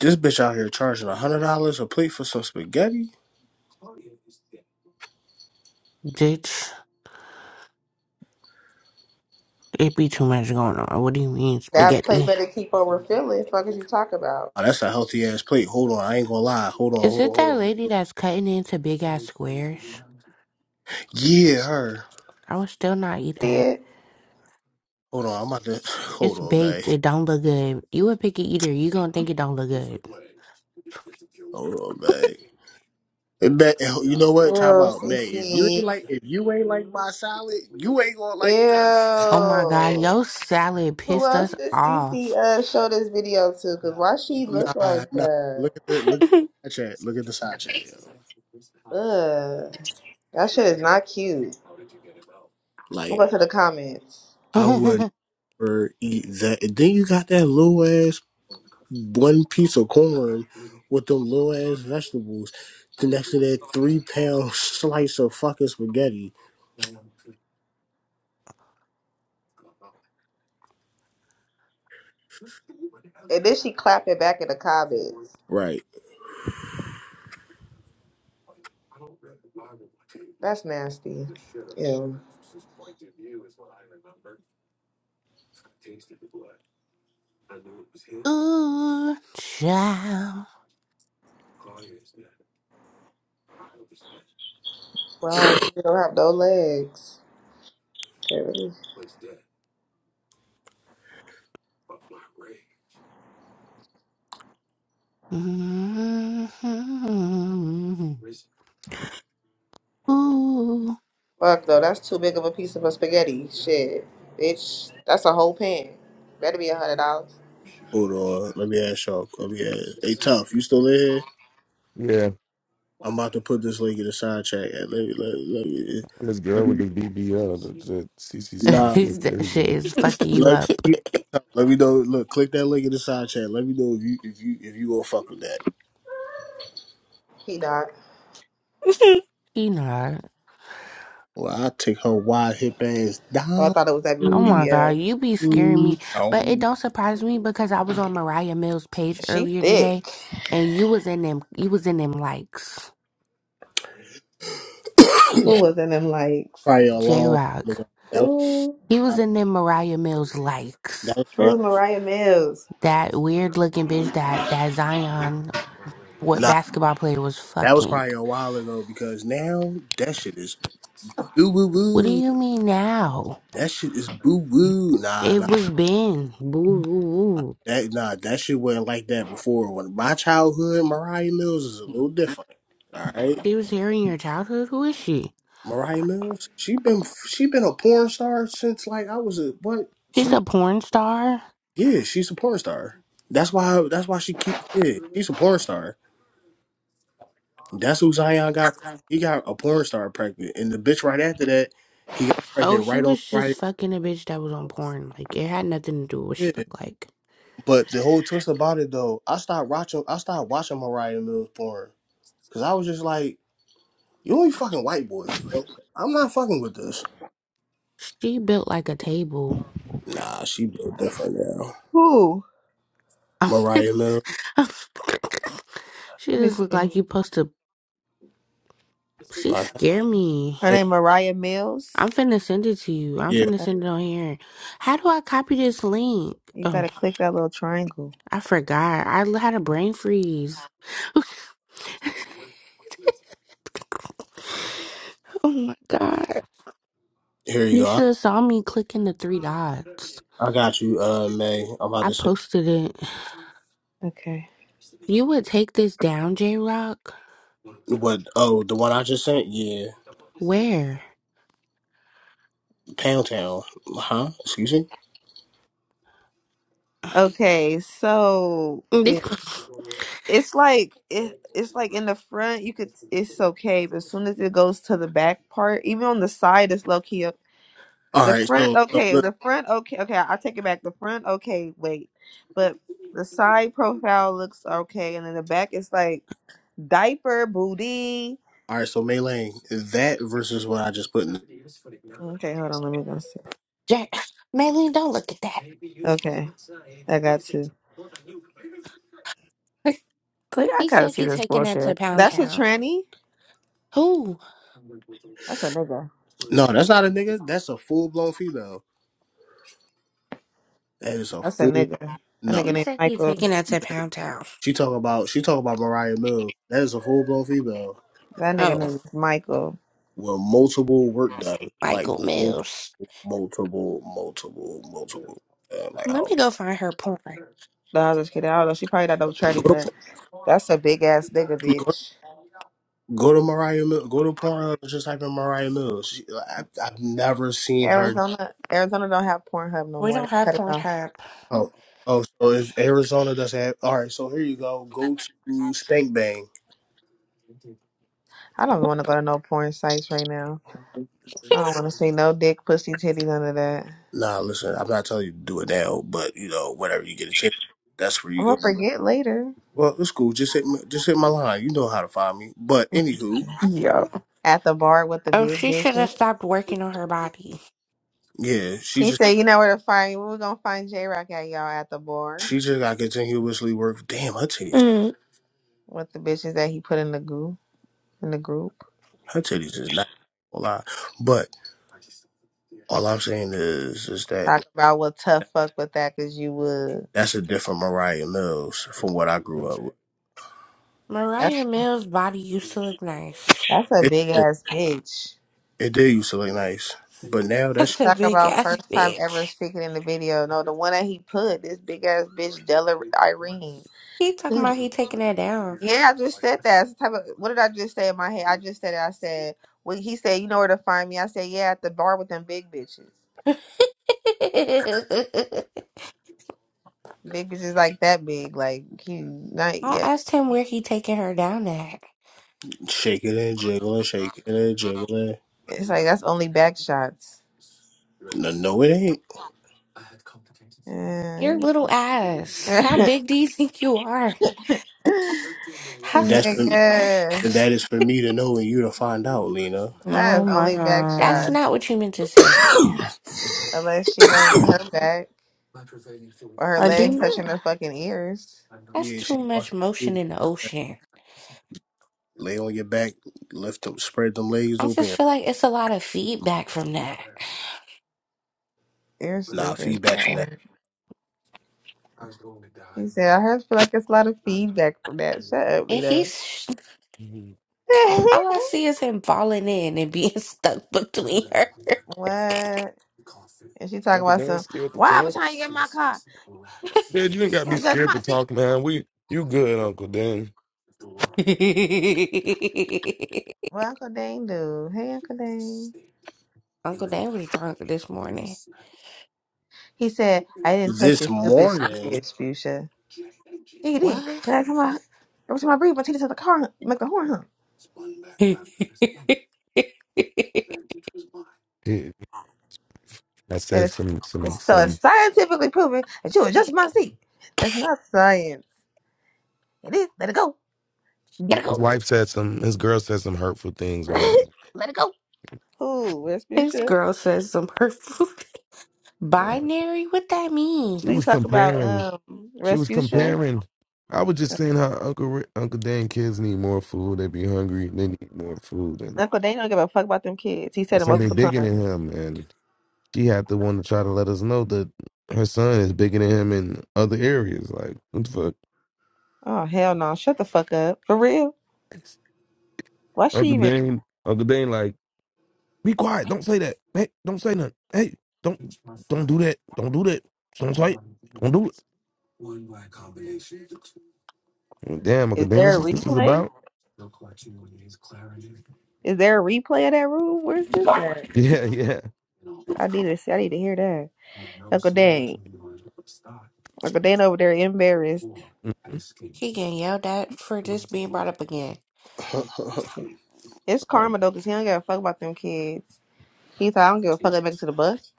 [SPEAKER 1] this bitch out here charging a hundred dollars a plate for some spaghetti.
[SPEAKER 5] Ditch. It be too much going on. What do you mean,
[SPEAKER 4] That plate
[SPEAKER 5] spaghetti?
[SPEAKER 4] better keep on refilling. Fuck is you talk about?
[SPEAKER 1] Oh, that's a healthy ass plate. Hold on, I ain't gonna lie. Hold on,
[SPEAKER 5] Is
[SPEAKER 1] hold on,
[SPEAKER 5] it
[SPEAKER 1] hold
[SPEAKER 5] that
[SPEAKER 1] on.
[SPEAKER 5] lady that's cutting into big ass squares?
[SPEAKER 1] Yeah, her.
[SPEAKER 5] I would still not eat
[SPEAKER 4] See
[SPEAKER 5] that.
[SPEAKER 4] it?
[SPEAKER 1] Hold on, I'm about to [sighs] hold
[SPEAKER 5] It's
[SPEAKER 1] on, Bay.
[SPEAKER 5] baked. It don't look good. You a picky eater. You gonna think it don't look good.
[SPEAKER 1] Hold on, Bay. And Bay, you know
[SPEAKER 4] Ew,
[SPEAKER 1] what? Talk about Bay. If you ain't
[SPEAKER 4] CC.
[SPEAKER 1] like, if you ain't like my salad, you ain't gonna like this.
[SPEAKER 5] Oh
[SPEAKER 1] [laughs]
[SPEAKER 5] my god,
[SPEAKER 4] Ew.
[SPEAKER 5] your salad
[SPEAKER 4] Who
[SPEAKER 5] pissed
[SPEAKER 4] else
[SPEAKER 5] us
[SPEAKER 4] did CC
[SPEAKER 5] off.
[SPEAKER 4] uh, show this video to? Cause why she look
[SPEAKER 1] Nah,
[SPEAKER 4] like
[SPEAKER 1] nah.
[SPEAKER 4] that?
[SPEAKER 1] Look at the
[SPEAKER 3] [laughs]
[SPEAKER 1] look at
[SPEAKER 3] like,
[SPEAKER 1] the side chat. Look at the side chat, yo.
[SPEAKER 4] Ugh. That shit is not cute. Look
[SPEAKER 1] Like
[SPEAKER 4] at to the comments.
[SPEAKER 5] [laughs]
[SPEAKER 1] I would
[SPEAKER 5] Ooh,
[SPEAKER 1] never eat that. And then you got that little ass one piece of corn with them little ass vegetables. Then next to that three pound [laughs] slice of fucking spaghetti.
[SPEAKER 4] And then she clap it back in the comments.
[SPEAKER 1] Right.
[SPEAKER 4] That's nasty. Yeah.
[SPEAKER 5] child.
[SPEAKER 4] Wow, you don't have no legs. Can't really-
[SPEAKER 5] hmm Ooh,
[SPEAKER 4] Fuck no, that's too big of a piece of a spaghetti. Shit. Bitch, that's a whole pan. Better be a hundred dollars.
[SPEAKER 1] Hold on. Let me ask y'all. Let me ask. Hey, Tough, you still in here?
[SPEAKER 2] Yeah.
[SPEAKER 1] I'm about to put this link in the side chat. Let me, let, let me,
[SPEAKER 2] And This girl
[SPEAKER 1] let
[SPEAKER 2] with
[SPEAKER 1] me,
[SPEAKER 2] this BBL that, that CC
[SPEAKER 5] [laughs]
[SPEAKER 2] sent me
[SPEAKER 1] nah.
[SPEAKER 2] flew
[SPEAKER 5] that shit
[SPEAKER 2] crazy.
[SPEAKER 5] is fucking you
[SPEAKER 1] Let
[SPEAKER 5] up.
[SPEAKER 1] me, let me know. Look, click that link in the side chat. Let me know if you, if you, if you gonna fuck with that.
[SPEAKER 4] He not.
[SPEAKER 5] You know.
[SPEAKER 1] Well, I take her wide hip ass
[SPEAKER 4] Oh, I
[SPEAKER 1] down,
[SPEAKER 4] thought it was that
[SPEAKER 1] [coughs]
[SPEAKER 4] big with
[SPEAKER 5] Oh
[SPEAKER 4] the
[SPEAKER 1] down.
[SPEAKER 5] my
[SPEAKER 4] BBL.
[SPEAKER 5] god, you be scaring me. But it don't surprise me because I was on Mariah Mills' page
[SPEAKER 4] She
[SPEAKER 5] earlier today,
[SPEAKER 4] thick.
[SPEAKER 5] and you was in them. You was in them likes.
[SPEAKER 4] Who was in them likes?
[SPEAKER 1] probably a
[SPEAKER 5] J
[SPEAKER 1] long time
[SPEAKER 5] Rock.
[SPEAKER 1] ago. That was,
[SPEAKER 4] Ooh.
[SPEAKER 5] He was
[SPEAKER 1] that
[SPEAKER 5] in them Mariah Mills likes.
[SPEAKER 1] was
[SPEAKER 4] Who
[SPEAKER 1] probably,
[SPEAKER 4] was Mariah Mills?
[SPEAKER 5] That weird looking bitch that, that Zion, what
[SPEAKER 1] nah.
[SPEAKER 5] basketball player was
[SPEAKER 1] That was
[SPEAKER 5] fucking.
[SPEAKER 1] probably a while ago because now that shit is boo boo
[SPEAKER 5] What do
[SPEAKER 1] boo.
[SPEAKER 5] you mean now?
[SPEAKER 1] That shit is boo boo. Nah, nah.
[SPEAKER 5] It was Ben. Boo, boo, boo.
[SPEAKER 1] That nah, that shit wasn't like that before. When my childhood, Mariah Mills is a little different. All right,
[SPEAKER 5] She was here in your childhood? Who is she?
[SPEAKER 1] Mariah Mills, she been she been a porn star since like I was a what?
[SPEAKER 5] She's
[SPEAKER 1] She
[SPEAKER 5] a porn star?
[SPEAKER 1] yeah, she's a porn star. That's why that's why she keeps yeah, she's a porn star. That's who Zion got. He got a porn star pregnant, and the bitch right after that, he got
[SPEAKER 5] Oh,
[SPEAKER 1] pregnant
[SPEAKER 5] he
[SPEAKER 1] right on
[SPEAKER 5] was just
[SPEAKER 1] right.
[SPEAKER 5] fucking a bitch that was on porn. Like, it had nothing to do with what she
[SPEAKER 1] Yeah,
[SPEAKER 5] looked like.
[SPEAKER 1] but the whole twist about it though, I stopped watching I stopped watching Mariah Mills porn because I was just like. You only fucking white boys, bro. I'm not fucking with this.
[SPEAKER 5] She built like a table.
[SPEAKER 1] Nah, she built different now.
[SPEAKER 4] Who?
[SPEAKER 5] [laughs]
[SPEAKER 1] Mariah Lil.
[SPEAKER 5] she
[SPEAKER 4] Let me
[SPEAKER 5] just looked
[SPEAKER 4] see.
[SPEAKER 5] like you supposed to. She
[SPEAKER 1] Like,
[SPEAKER 5] scared me.
[SPEAKER 4] Her name Mariah
[SPEAKER 5] I'm
[SPEAKER 4] Mills.
[SPEAKER 5] finna send it to you. I'm
[SPEAKER 1] yeah,
[SPEAKER 5] finna send it on here. How do I copy this link?
[SPEAKER 4] You
[SPEAKER 5] Oh,
[SPEAKER 4] gotta click that little triangle.
[SPEAKER 5] I forgot. I l- had a brain freeze. [laughs] oh my god.
[SPEAKER 1] here you
[SPEAKER 5] You
[SPEAKER 1] go.
[SPEAKER 5] should have saw me clicking the three dots.
[SPEAKER 1] I, I got you, uh, May. I'm about
[SPEAKER 5] I
[SPEAKER 1] to say
[SPEAKER 5] posted it.
[SPEAKER 4] Okay.
[SPEAKER 5] You would take this down, J Rock?
[SPEAKER 1] what? Oh, the one I just sent. Yeah,
[SPEAKER 5] Where?
[SPEAKER 1] Pound Town. Huh? Excuse me.
[SPEAKER 4] Okay. So
[SPEAKER 5] [laughs] J
[SPEAKER 4] it, it's like it, it's like in the front you could it's okay, but as soon as it goes to the back part, even on the side, it's low key. up.
[SPEAKER 1] All
[SPEAKER 4] The
[SPEAKER 1] right,
[SPEAKER 4] front
[SPEAKER 1] so so
[SPEAKER 4] okay.
[SPEAKER 1] look.
[SPEAKER 4] The front okay. Okay, I take it back. The front okay. Wait, but the side profile looks okay, and then the back is like diaper booty.
[SPEAKER 1] All right, so May That versus what I just put in.
[SPEAKER 4] Okay, hold on. Let me go see.
[SPEAKER 5] Maylene, don't look at that.
[SPEAKER 4] Okay, I got two.
[SPEAKER 5] [laughs]
[SPEAKER 3] I
[SPEAKER 5] he
[SPEAKER 3] gotta
[SPEAKER 5] said
[SPEAKER 3] see
[SPEAKER 5] he
[SPEAKER 3] this
[SPEAKER 5] taking that to
[SPEAKER 3] bullshit.
[SPEAKER 5] Pound
[SPEAKER 4] That's a
[SPEAKER 5] Town.
[SPEAKER 4] tranny.
[SPEAKER 5] Who?
[SPEAKER 4] That's a nigga.
[SPEAKER 1] No, that's not a nigga. That's a full blown female. That is a
[SPEAKER 4] I said
[SPEAKER 1] full.
[SPEAKER 4] nigga. That
[SPEAKER 1] No,
[SPEAKER 4] nigga
[SPEAKER 5] He
[SPEAKER 4] named
[SPEAKER 5] said he
[SPEAKER 4] Michael.
[SPEAKER 5] taking that to Pound Town.
[SPEAKER 1] she talk about she talk about Mariah Mills. That is a full blown female.
[SPEAKER 4] That nigga
[SPEAKER 5] Oh,
[SPEAKER 4] name is Michael.
[SPEAKER 1] Well, multiple work done, like
[SPEAKER 5] Michael
[SPEAKER 1] multiple,
[SPEAKER 5] Mills.
[SPEAKER 1] multiple, multiple, multiple. Uh, like
[SPEAKER 5] Let me
[SPEAKER 1] I'll
[SPEAKER 5] go find her porn.
[SPEAKER 4] No, I was just kidding. I don't know. She probably not double trading,
[SPEAKER 1] go
[SPEAKER 4] but
[SPEAKER 1] to
[SPEAKER 4] that's a big ass nigga,
[SPEAKER 1] go,
[SPEAKER 4] bitch.
[SPEAKER 1] go to Mariah Mill, go to Pornhub and just type in Mariah Mills. She, I, I've never seen her.
[SPEAKER 4] Arizona, Arizona don't have Pornhub no
[SPEAKER 5] We
[SPEAKER 4] more.
[SPEAKER 5] don't
[SPEAKER 4] They
[SPEAKER 5] have
[SPEAKER 4] cut it off.
[SPEAKER 5] Pornhub.
[SPEAKER 1] Oh, oh, so if Arizona doesn't have, all right, so here you go. Go to Stank Bang.
[SPEAKER 4] I don't want to go to no porn sites right now. I don't
[SPEAKER 5] [laughs]
[SPEAKER 4] want to see no dick, pussy, titty, none of that.
[SPEAKER 1] Nah, listen, I'm not telling you to do it now, but you know, whenever you get a chance, that's where you
[SPEAKER 4] I'm
[SPEAKER 1] go.
[SPEAKER 4] gonna forget later
[SPEAKER 1] Well, it's cool. Just hit, my- just hit my line. You know how to find me. But anywho,
[SPEAKER 3] yo.
[SPEAKER 4] at the bar with the
[SPEAKER 5] oh,
[SPEAKER 4] big
[SPEAKER 5] she should have
[SPEAKER 4] bitches.
[SPEAKER 5] stopped working on her body.
[SPEAKER 1] yeah, she just.
[SPEAKER 4] He said, "You know where to find. me. We're gonna find J Rock at y'all at the bar
[SPEAKER 1] She just got continuously work. Damn, her titties,
[SPEAKER 3] Mm.
[SPEAKER 4] with the bitches that he put in the group in the group.
[SPEAKER 1] her titties is not a lot. But all I'm saying is, is that
[SPEAKER 4] Talk about what tough fuck with that, cause you would."
[SPEAKER 1] that's a different Mariah Mills from what I grew
[SPEAKER 2] Bitch.
[SPEAKER 1] up with.
[SPEAKER 4] That's
[SPEAKER 5] Mariah Mills' body used to look nice.
[SPEAKER 4] that's a
[SPEAKER 1] It
[SPEAKER 4] big
[SPEAKER 1] it,
[SPEAKER 4] ass bitch.
[SPEAKER 1] it did used to look nice, but now
[SPEAKER 5] [laughs]
[SPEAKER 1] that's
[SPEAKER 5] That's a
[SPEAKER 4] Talk
[SPEAKER 5] big
[SPEAKER 4] about
[SPEAKER 5] ass
[SPEAKER 4] first time ever
[SPEAKER 5] bitch.
[SPEAKER 4] speaking in the video. No, the one that he put this big ass bitch Della Irene.
[SPEAKER 5] He talking
[SPEAKER 4] He
[SPEAKER 5] about he taking that down.
[SPEAKER 4] yeah, I just said that. It's the type of what did I just say in my head? I just said it. I said well, he said you know where to find me. I said yeah, at the bar with them big bitches.
[SPEAKER 5] [laughs] I
[SPEAKER 4] Big bitches like that big, like he not yeah.
[SPEAKER 5] asked him where he taking her down at.
[SPEAKER 1] shaking and jiggling, shaking and jiggling.
[SPEAKER 4] It's like that's only back shots.
[SPEAKER 1] No, no, it ain't.
[SPEAKER 4] Uh,
[SPEAKER 5] Your little ass. How
[SPEAKER 4] [laughs]
[SPEAKER 5] big do you think you are? [laughs] How...
[SPEAKER 1] That's has
[SPEAKER 4] Nigga,
[SPEAKER 1] that
[SPEAKER 5] [laughs]
[SPEAKER 1] is for me to know and you to find out, Lena.
[SPEAKER 3] Oh
[SPEAKER 4] that's
[SPEAKER 3] my
[SPEAKER 4] only back
[SPEAKER 5] That's
[SPEAKER 4] shot
[SPEAKER 3] god.
[SPEAKER 5] not what you meant to say.
[SPEAKER 4] unless she laying on her back. Or her
[SPEAKER 3] Are
[SPEAKER 4] legs
[SPEAKER 3] demon?
[SPEAKER 4] touching her fucking ears.
[SPEAKER 5] That's
[SPEAKER 1] Yeah,
[SPEAKER 5] too
[SPEAKER 1] she all
[SPEAKER 5] much
[SPEAKER 1] she got to do
[SPEAKER 5] motion in the
[SPEAKER 1] is
[SPEAKER 5] ocean.
[SPEAKER 1] lay on your back, lift them, spread them legs
[SPEAKER 5] I just
[SPEAKER 1] open.
[SPEAKER 5] feel like it's a lot of feedback from that.
[SPEAKER 4] Ear
[SPEAKER 1] Nah,
[SPEAKER 4] stupid. Shut
[SPEAKER 1] feedback from
[SPEAKER 4] up.
[SPEAKER 1] that.
[SPEAKER 4] She said, I heard feel like it's a lot of feedback from that. Shut up,
[SPEAKER 5] And
[SPEAKER 4] Lita.
[SPEAKER 5] he's
[SPEAKER 4] [laughs]
[SPEAKER 5] all I see is him falling in and being [laughs] stuck between her.
[SPEAKER 4] what? And she talking
[SPEAKER 2] Uncle
[SPEAKER 4] about
[SPEAKER 2] Dan
[SPEAKER 4] some,
[SPEAKER 2] scared to
[SPEAKER 4] why every
[SPEAKER 2] talk.
[SPEAKER 4] time you get in my car,
[SPEAKER 2] Dad, you ain't gotta
[SPEAKER 4] you
[SPEAKER 2] be
[SPEAKER 4] don't touch
[SPEAKER 2] scared to
[SPEAKER 4] my seat.
[SPEAKER 2] talk, man. We you good, Uncle Dan.
[SPEAKER 4] What
[SPEAKER 5] [laughs]
[SPEAKER 4] Uncle Dane do? Hey, Uncle Dane.
[SPEAKER 5] Uncle Dan was drunk this morning.
[SPEAKER 4] He said, I didn't touch
[SPEAKER 1] This
[SPEAKER 4] your stupid
[SPEAKER 1] morning.
[SPEAKER 4] shit, Fuchsia. Yeah, you did.
[SPEAKER 5] What?
[SPEAKER 4] And I come out, every time I breathe, my teeth touch the car, hump, make the horn hump.
[SPEAKER 5] [laughs] Gotta
[SPEAKER 2] [laughs] He- I
[SPEAKER 4] That
[SPEAKER 2] said
[SPEAKER 4] is,
[SPEAKER 2] some some
[SPEAKER 4] it's so
[SPEAKER 2] some
[SPEAKER 4] it's scientifically proven that you were just my seat. That's not science. It is. Let it go.
[SPEAKER 2] his
[SPEAKER 5] go.
[SPEAKER 2] wife said some his girl said some hurtful things or
[SPEAKER 4] [laughs] Let it go. Who?
[SPEAKER 5] This
[SPEAKER 4] Respucia?
[SPEAKER 5] girl says some hurtful [laughs]
[SPEAKER 2] whatever.
[SPEAKER 5] binary. What that
[SPEAKER 2] She
[SPEAKER 5] mean?
[SPEAKER 4] Please
[SPEAKER 2] was
[SPEAKER 4] talk about
[SPEAKER 2] comparing
[SPEAKER 4] um
[SPEAKER 2] she was
[SPEAKER 4] Respucia.
[SPEAKER 2] comparing I was just saying how Uncle Ri- Uncle Dan kids need more food. They be hungry. They need more food, and
[SPEAKER 4] Uncle Daniel don't give a fuck about them kids. He
[SPEAKER 2] I
[SPEAKER 4] said it
[SPEAKER 2] said they
[SPEAKER 4] multiple
[SPEAKER 2] digging
[SPEAKER 4] times.
[SPEAKER 2] at him. she had to want to try to let us know that her son is bigger than him in other areas. Like, what the
[SPEAKER 4] Oh hell no. Shut the fuck up. For real.
[SPEAKER 2] fuck?
[SPEAKER 4] Why she
[SPEAKER 2] Uncle
[SPEAKER 4] even
[SPEAKER 2] Dane, Uncle Dane, like, be quiet. Don't say that. Hey, don't say nothing. Hey, don't, don't do that. Don't do that. Don't say it. Don't do it. Damn,
[SPEAKER 4] is
[SPEAKER 2] Uncle Dane, this
[SPEAKER 4] there a
[SPEAKER 2] is this is
[SPEAKER 4] replay?
[SPEAKER 2] about. [laughs]
[SPEAKER 4] Is there a replay of that room? Where's this at?
[SPEAKER 2] Yeah, yeah.
[SPEAKER 4] I need to see I need to hear that. Uncle Dan. Uncle Dan over there embarrassed.
[SPEAKER 5] She getting yelled at for just being brought up again.
[SPEAKER 1] [laughs]
[SPEAKER 4] It's karma though, cause he don't give a fuck about them kids. He thought I don't give a fuck I make it to the bus.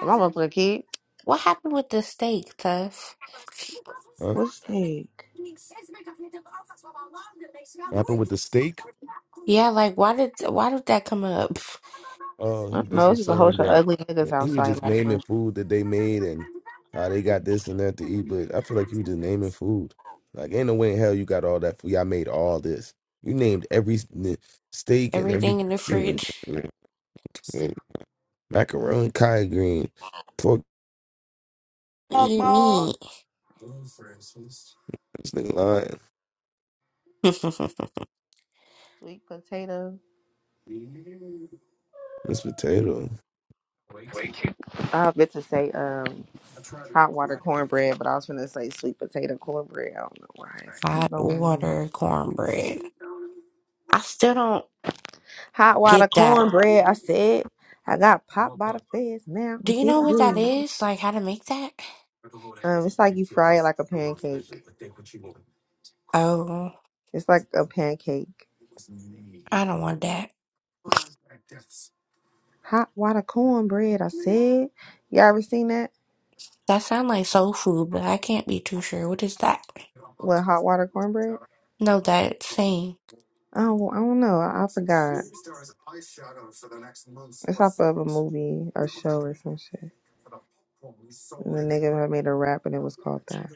[SPEAKER 4] And my motherfucking kid.
[SPEAKER 5] What happened with the steak, Tuff?
[SPEAKER 2] Huh?
[SPEAKER 4] What's the thing?
[SPEAKER 2] Happened with the steak.
[SPEAKER 5] Yeah, like why did why did that come up?
[SPEAKER 2] Oh,
[SPEAKER 4] I
[SPEAKER 2] he
[SPEAKER 4] don't
[SPEAKER 2] just
[SPEAKER 4] know, it's
[SPEAKER 2] was
[SPEAKER 4] just a whole
[SPEAKER 2] saying
[SPEAKER 4] bunch of
[SPEAKER 2] that
[SPEAKER 4] ugly niggas
[SPEAKER 2] he was
[SPEAKER 4] outside
[SPEAKER 2] just
[SPEAKER 4] last
[SPEAKER 2] naming
[SPEAKER 4] night.
[SPEAKER 2] food that they made and how they got this and that to eat. But I feel like you were just naming food. Like, ain't no way in hell you got all that food. Y'all made all this. You named every s- n- steak and every
[SPEAKER 5] Everything in the fridge. [laughs]
[SPEAKER 2] [laughs] macaroni, collard green, pork.
[SPEAKER 5] What do
[SPEAKER 4] Fuck
[SPEAKER 5] you
[SPEAKER 4] ball.
[SPEAKER 5] mean?
[SPEAKER 2] This nigga lying.
[SPEAKER 5] [laughs]
[SPEAKER 4] Sweet potato.
[SPEAKER 2] This potato.
[SPEAKER 4] I meant to say um hot water cornbread, but I was gonna say sweet potato cornbread. I don't know why it's
[SPEAKER 5] Hot
[SPEAKER 4] on my mind.
[SPEAKER 5] water cornbread. I still don't
[SPEAKER 4] hot water
[SPEAKER 5] get that.
[SPEAKER 4] cornbread. I said I got popped by the feds now.
[SPEAKER 5] Do
[SPEAKER 4] I'm
[SPEAKER 5] you
[SPEAKER 4] seeing
[SPEAKER 5] know what that
[SPEAKER 4] good.
[SPEAKER 5] is? Like how to make that?
[SPEAKER 4] Um, it's like you fry it like a pancake.
[SPEAKER 5] Oh,
[SPEAKER 4] It's like a pancake.
[SPEAKER 5] I don't want that.
[SPEAKER 4] Hot water cornbread. I said. Y'all ever seen that?
[SPEAKER 5] That sounds like soul food, but I can't be too sure. What is that?
[SPEAKER 4] What hot water cornbread?
[SPEAKER 5] No, that thing.
[SPEAKER 4] Oh, I don't know. I, I forgot. It's off of a movie or show or some shit. And the nigga had made a rap and it was called that.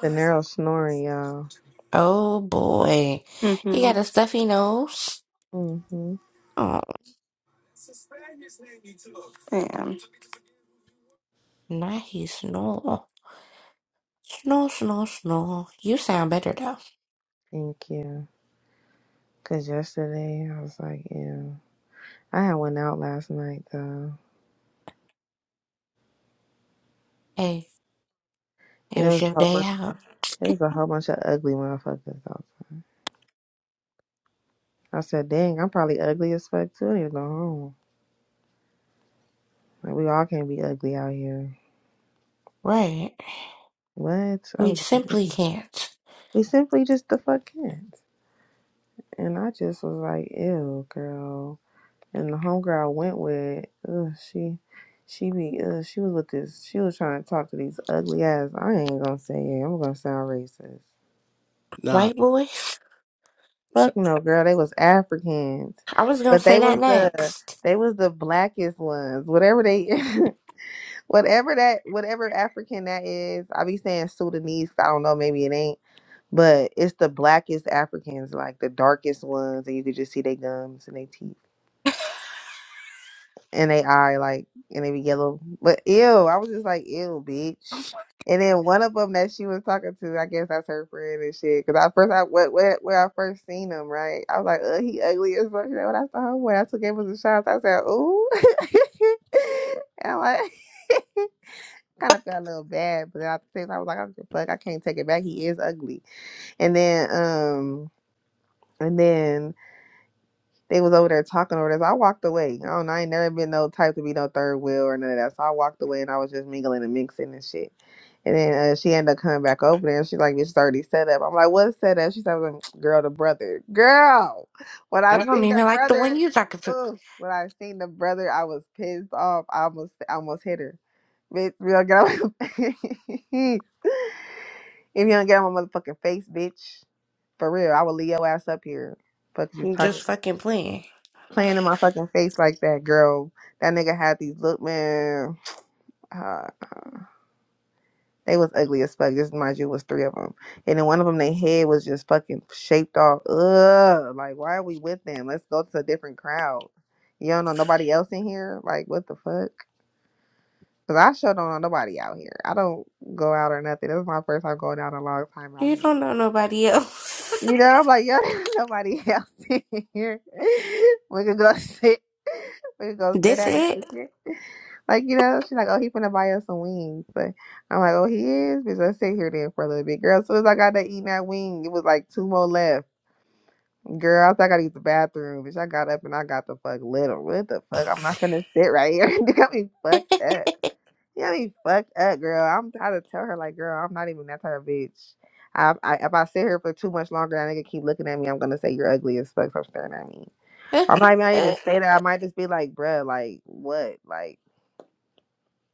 [SPEAKER 4] The narrow snoring, y'all.
[SPEAKER 5] Oh boy. He
[SPEAKER 3] Mm-hmm.
[SPEAKER 5] got a stuffy nose.
[SPEAKER 4] hmm
[SPEAKER 5] Oh,
[SPEAKER 3] Damn.
[SPEAKER 5] nice. Snore. Snore, snore, snore. You sound better though.
[SPEAKER 4] Thank you. Cause yesterday I was like, yeah. I had one out last night though.
[SPEAKER 5] Hey,
[SPEAKER 4] And
[SPEAKER 5] it
[SPEAKER 4] it was
[SPEAKER 5] was
[SPEAKER 4] a
[SPEAKER 5] your
[SPEAKER 4] whole
[SPEAKER 5] day
[SPEAKER 4] bunch
[SPEAKER 5] out.
[SPEAKER 4] it was a whole bunch of ugly motherfuckers out there. I said, dang, I'm probably ugly as fuck too. I need to go home. Like we all can't be ugly out here.
[SPEAKER 5] Right.
[SPEAKER 4] What? I
[SPEAKER 5] We
[SPEAKER 4] was like,
[SPEAKER 5] simply can't.
[SPEAKER 4] we simply just the fuck can't. And I just was like, ew, girl. And the homegirl I went with, ugh, she she be ugh, she was with this she was trying to talk to these ugly ass. I ain't gonna say it. I'm gonna sound racist.
[SPEAKER 1] nah,
[SPEAKER 5] White boys?
[SPEAKER 1] so-
[SPEAKER 4] Fuck no, girl. They was Africans.
[SPEAKER 5] I was gonna
[SPEAKER 4] But
[SPEAKER 5] say
[SPEAKER 4] they
[SPEAKER 5] that
[SPEAKER 4] was the
[SPEAKER 5] next.
[SPEAKER 4] they was the blackest ones. Whatever they [laughs] whatever that whatever African that is, I be saying Sudanese, 'cause I don't know, maybe it ain't. But it's the blackest Africans, like the darkest ones, and you could just see their gums and their teeth. in they eye, like, and they be yellow. But ew, I was just like, ew, bitch. And then one of them that she was talking to, I guess that's her friend and shit. Cause I first, I where, where, where I first seen him, right? I was like, ugh, he ugly as fuck. She's Like, when I saw him, when I took him as a shot, I said, ooh. [laughs] and I'm like, [laughs] kind of felt a little bad, but then at the same time, I was like, I don't give a fuck, I can't take it back. He is ugly. And then, um, and then They was over there talking over this. I walked away. I don't know. I ain't never been no type to be no third wheel or none of that. So I walked away and I was just mingling and mixing and shit. And then uh, she ended up coming back over there and she like, It's already set up. I'm like, What's set up? She said, "Mm, [sniffs] Girl, the brother. Girl. When I
[SPEAKER 5] I don't
[SPEAKER 4] seen the
[SPEAKER 5] even like the one
[SPEAKER 4] brother,
[SPEAKER 5] you talking to.
[SPEAKER 4] ugh, when I seen the brother, I was pissed off. I almost I almost hit her. Bitch, we don't get on [laughs] If you don't get on my motherfucking face, bitch. For real, I will leave your ass up here. Fuck you
[SPEAKER 5] I'm just
[SPEAKER 4] talking
[SPEAKER 5] fucking playing.
[SPEAKER 4] playing in my fucking face like that, girl. That nigga had these look, man. [sighs] Uh, they was ugly as fuck. Just mind you, it was three of them, and then one of them, their head was just fucking shaped off. Ugh, like why are we with them? Let's go to a different crowd. You don't know nobody else in here. Like what the fuck? Cause I sure don't know nobody out here. I don't go out or nothing. This is my first time going out in a long time out
[SPEAKER 5] You
[SPEAKER 4] here.
[SPEAKER 5] don't know nobody else.
[SPEAKER 4] You know, I'm like, yo, [laughs] there's nobody else in here. [laughs] We could go sit. We could
[SPEAKER 5] [laughs]
[SPEAKER 4] go sit
[SPEAKER 5] this
[SPEAKER 4] at the
[SPEAKER 5] it?
[SPEAKER 4] kitchen. Like, you know, she's like, oh, he finna buy us some wings. But I'm like, oh, he is? Because I sit here then for a little bit. Girl, as soon as I got to eating that wing, it was like two more left. Girl, I thought I gotta use the bathroom. Bitch, I got up and I got the fuck lit. What the fuck? I'm not finna sit right here. [laughs] you got me fucked up.
[SPEAKER 5] [laughs]
[SPEAKER 4] You got me fucked up, girl. I'm trying to tell her, like, girl, I'm not even that type of bitch. I, I, if I sit here for too much longer and that nigga keep looking at me, I'm gonna say you're ugly as fuck for staring at me. I might not even say that. I might just be like, bruh, like what? Like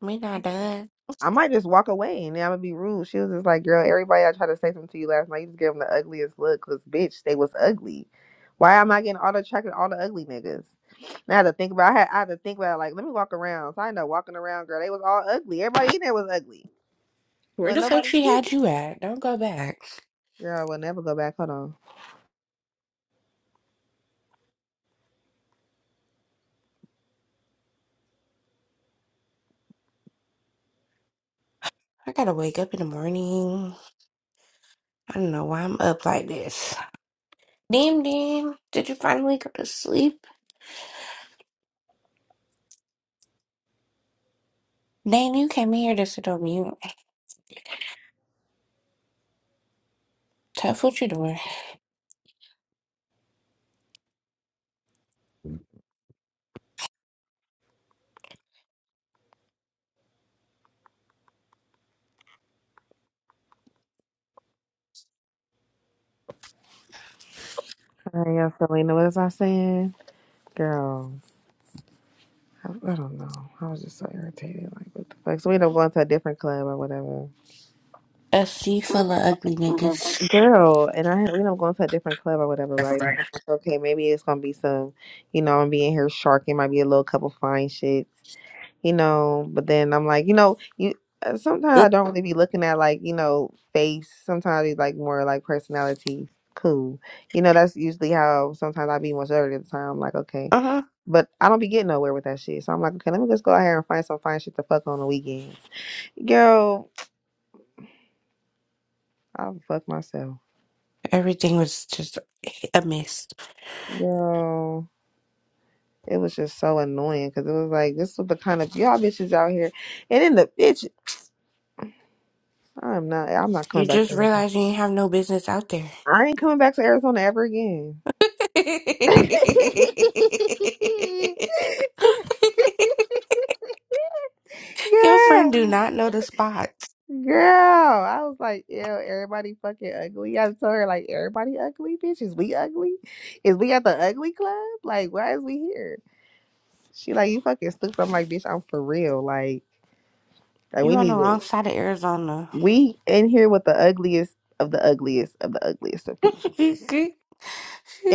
[SPEAKER 5] we not done.
[SPEAKER 4] I might just walk away and then I'm gonna be rude. She was just like, girl, everybody I tried to say something to you last night, you just gave them the ugliest look because, bitch, they was ugly. Why am I getting all the attracted to all the ugly niggas? And I had to think about I had, I had to think about it, like, let me walk around. So I ended up walking around, girl. They was all ugly. Everybody in there was ugly.
[SPEAKER 5] Where
[SPEAKER 4] Well,
[SPEAKER 5] the fuck
[SPEAKER 4] nobody.
[SPEAKER 5] she had you at? Don't go back.
[SPEAKER 4] [laughs] Girl, I will never go back. Hold on.
[SPEAKER 5] I gotta wake up in the morning. I don't know why I'm up like this. Dim Dim, did you finally go to sleep? Dang, you came in here to sit on mute. Tough what you doing.
[SPEAKER 4] All right, yeah, Selena, what was I saying? Girl, I, I don't know. I was just so irritated. Like, what the fuck? So we ended up going to a different club or whatever.
[SPEAKER 5] A sea full of ugly niggas.
[SPEAKER 4] Girl, and I, you know, I'm going to a different club or whatever,
[SPEAKER 5] Uh
[SPEAKER 4] right? So I'm like, okay, maybe it's gonna be some, you know, I'm being here sharking, might be a little couple fine shits, you know. But then I'm like, you know, you uh, sometimes I
[SPEAKER 1] them
[SPEAKER 4] don't really be looking at like, you know, face. Sometimes it's like more like personality. Cool, you know, that's usually how sometimes I be much older at the time. I'm like, okay,
[SPEAKER 5] huh.
[SPEAKER 4] but I don't be getting nowhere with that shit. So I'm like, okay, let me just go out here and find some fine shit to fuck on the weekends, girl. I'll fuck myself,
[SPEAKER 5] Everything was just a mess.
[SPEAKER 4] girl. It was just so annoying because it was like this was the kind of y'all bitches out here, and then the bitch. I'm not. I'm not
[SPEAKER 5] You
[SPEAKER 4] coming back
[SPEAKER 5] just
[SPEAKER 4] to Arizona.
[SPEAKER 5] realized you ain't have no business out there. [laughs]
[SPEAKER 4] I ain't coming back to Arizona ever again. [laughs]
[SPEAKER 5] Your
[SPEAKER 4] yeah,
[SPEAKER 5] friend do not know the spots.
[SPEAKER 4] girl. I was like, ew, everybody fucking ugly. I told her like, everybody ugly, bitch. Is we ugly? Is we at the ugly club? Like, why is we here? She like, you fucking stupid. I'm like, bitch, I'm for real. Like, like
[SPEAKER 5] You
[SPEAKER 4] we
[SPEAKER 5] on the
[SPEAKER 4] need to.
[SPEAKER 5] wrong side of Arizona.
[SPEAKER 4] we in here with the ugliest of the ugliest of the ugliest of people.
[SPEAKER 5] [laughs] she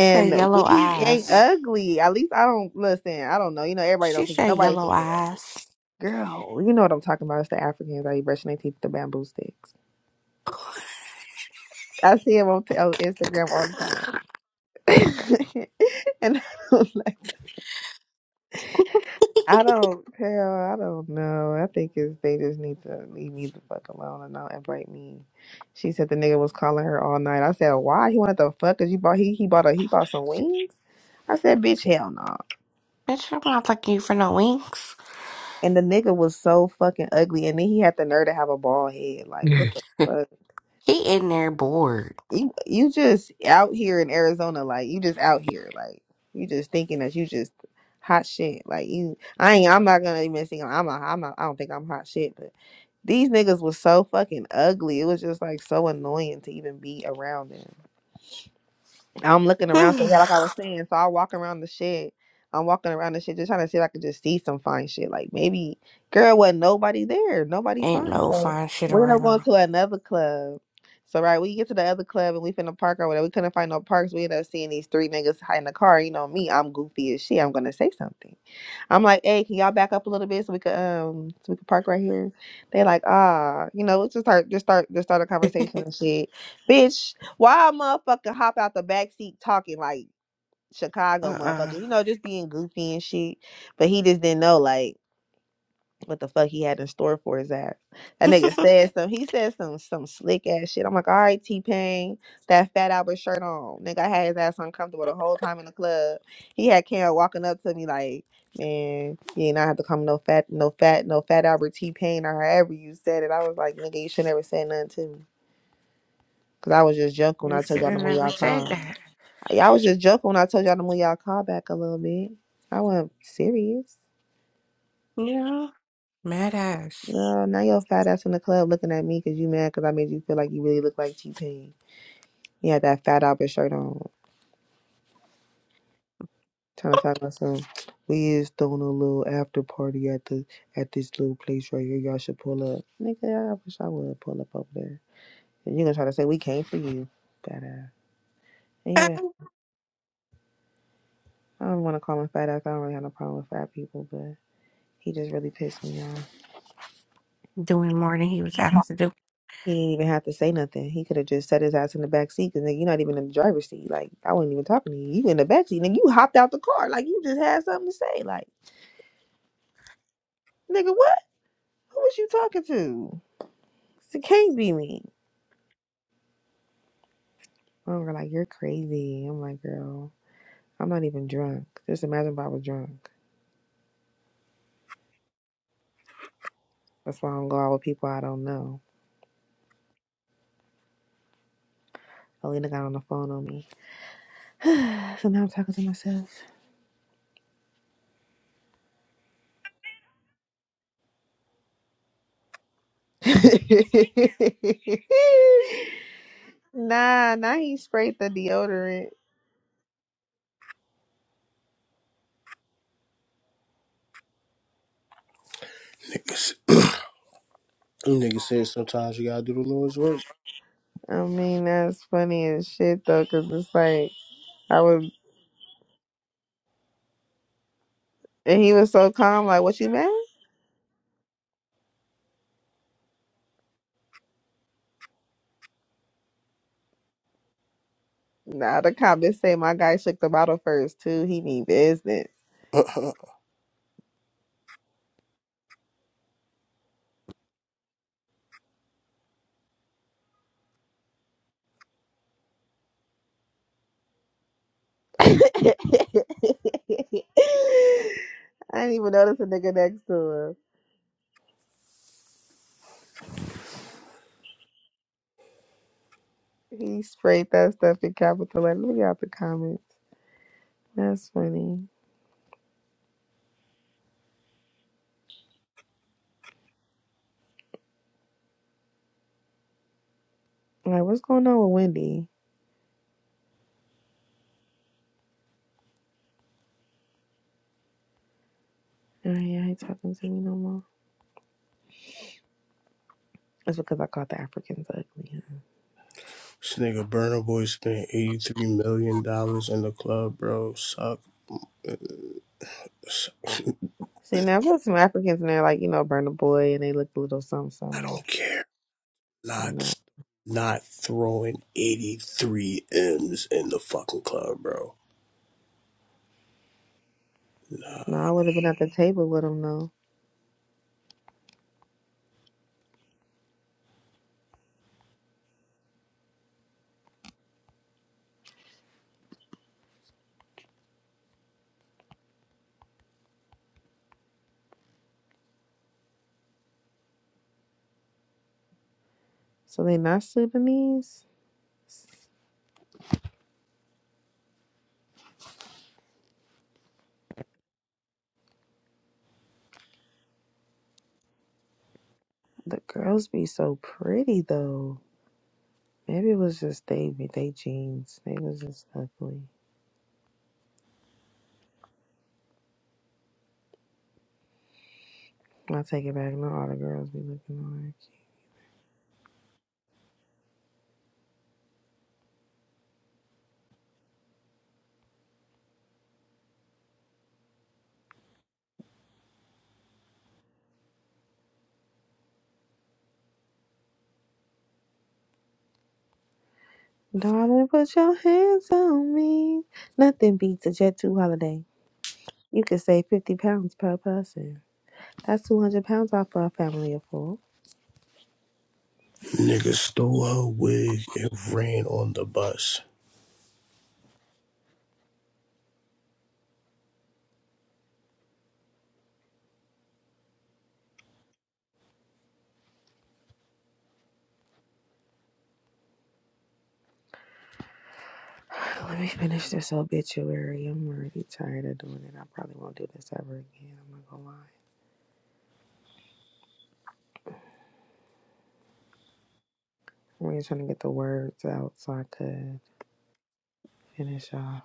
[SPEAKER 5] said yellow
[SPEAKER 4] we ain't
[SPEAKER 5] eyes.
[SPEAKER 4] ugly. At least I don't listen. I don't know. You know, everybody don't
[SPEAKER 5] She
[SPEAKER 4] think
[SPEAKER 5] said
[SPEAKER 4] nobody
[SPEAKER 5] yellow
[SPEAKER 4] think they're ugly.
[SPEAKER 5] eyes.
[SPEAKER 4] Girl, you know what I'm talking about. It's the Africans that be brushing their teeth with the bamboo sticks. I see them on, t- on Instagram all the time. [laughs] and I don't like I don't hell, I don't know. I think it's they just need to leave me the fuck alone and not invite me. She said the nigga was calling her all night. I said, Why? He wanted the fuck cause you bought he he bought a he bought some wings? I said, Bitch, hell no.
[SPEAKER 5] Bitch, I'm not fucking you for no winks.
[SPEAKER 4] And the nigga was so fucking ugly and then he had the nerve to have a bald head.
[SPEAKER 5] [laughs]
[SPEAKER 4] Like what
[SPEAKER 5] he
[SPEAKER 4] the fuck?
[SPEAKER 5] in there bored.
[SPEAKER 4] You you just out here in Arizona, like you just out here, like you just thinking that you just hot shit. Like you I ain't I'm not gonna even sing I'm not I'm not I don't think I'm hot shit, These niggas was so fucking ugly. It was just like so annoying to even be around them. I'm looking
[SPEAKER 5] [sighs]
[SPEAKER 4] around, so
[SPEAKER 5] ain't
[SPEAKER 4] yeah, like I was saying, so I walk around the shit. I'm walking around the shit, just trying to see if I could just see some fine shit. Like maybe, girl, wasn't nobody there, nobody fine.
[SPEAKER 5] no
[SPEAKER 4] So
[SPEAKER 5] fine shit
[SPEAKER 4] we end up going
[SPEAKER 5] around.
[SPEAKER 4] to another club. So right, we get to the other club and we finna park or whatever. We couldn't find no parks. We end up seeing these three niggas hiding in the car. You know me, I'm goofy as shit. I'm gonna say something. I'm like, hey, can y'all back up a little bit so we could um so we could park right here? They like, ah, you know, let's just start just start just start a conversation and shit. Bitch, why a motherfucker hop out the back seat talking like Chicago
[SPEAKER 5] Uh-uh.
[SPEAKER 4] motherfuckers,
[SPEAKER 5] [laughs]
[SPEAKER 4] you know, just being goofy and shit. But he just didn't know like what the fuck he had in store for his ass. That nigga said some. He said some some slick ass shit. I'm like, all right, T Pain, that Fat Albert shirt on. Nigga, I had his ass uncomfortable the whole time in the club. He had Karen walking up to me like, man, you ain't not have to come no fat, no fat, no Fat Albert T Pain or however you said it. I was like, nigga, you should never say nothing to me. Cause I was just joking when
[SPEAKER 5] You
[SPEAKER 4] I told
[SPEAKER 5] should
[SPEAKER 4] y'all to
[SPEAKER 5] have
[SPEAKER 4] move
[SPEAKER 5] never
[SPEAKER 4] y'all car.
[SPEAKER 5] said
[SPEAKER 4] [laughs]
[SPEAKER 5] that.
[SPEAKER 4] I I was just joking when I told y'all to move y'all car back a little bit. I wasn't serious.
[SPEAKER 5] Yeah. Mad ass.
[SPEAKER 4] Girl, now your fat ass in the club looking at me because you mad because I made you feel like you really look like T Pain. He had that fat Albert shirt on, trying to talk about some. We is throwing a little after party at the at this little place right here. Y'all should pull up, nigga. I wish I would pull up over there. And you gonna try to say we came for you, fat ass.
[SPEAKER 5] [laughs]
[SPEAKER 4] Anyway, I don't want to call him fat ass. I don't really have no problem with fat people, but he just really pissed me off.
[SPEAKER 5] Doing more than he was asked to do.
[SPEAKER 4] He didn't even have to say nothing. He could have just set his ass in the back seat because nigga, you're not even in the driver's seat. Like I wasn't even talking to you. You in the back seat, nigga. You hopped out the car like you just had something to say. Like nigga, what? Who was you talking to? It can't be me. And we're like, you're crazy. I'm like, girl, I'm not even drunk. Just imagine if I was drunk. That's why I don't go out with people I don't know. Alina got on the phone on me. [sighs] so now I'm talking to myself. [laughs] nah, now he sprayed the deodorant.
[SPEAKER 1] niggas. Them niggas said sometimes you gotta do the Lord's work.
[SPEAKER 4] I mean, that's funny as shit though, 'cause it's like I was, and he was so calm. Like, what you mad? Nah, the cop comments say my guy shook the bottle first too. He mean business.
[SPEAKER 1] [laughs] this
[SPEAKER 4] [laughs] I didn't even notice a nigga next to him. He sprayed that stuff in capital letters. Look out the comments. That's funny. Like, what's going on with Wendy? Oh yeah, he talking to me no more. It's because I caught the Africans ugly. huh?
[SPEAKER 1] nigga Burner Boy spent eighty three million dollars in the club, bro. Suck. suck.
[SPEAKER 4] See, now I've had some Africans and they're like, you know, burn a boy and they look a little something,
[SPEAKER 1] I
[SPEAKER 4] something like
[SPEAKER 1] don't care.
[SPEAKER 4] No,
[SPEAKER 1] Not not throwing eighty three M's in the fucking club, bro.
[SPEAKER 4] no, I would have been at the table with them though. So they not Sudanese. The girls be so pretty though. Maybe it was just they they jeans. They was just ugly. I take it back. Not all the girls be looking all that cute. Darling, put your hands on me. Nothing beats a Jet 2 holiday. You could save 50 pounds per person. That's 200 pounds off for a family of four.
[SPEAKER 1] Nigga stole her wig and ran on the bus.
[SPEAKER 4] [sighs] Let me finish this obituary. I'm already tired of doing it. I probably won't do this ever again. I'm not gonna lie. I'm really trying to get the words out so I could finish off.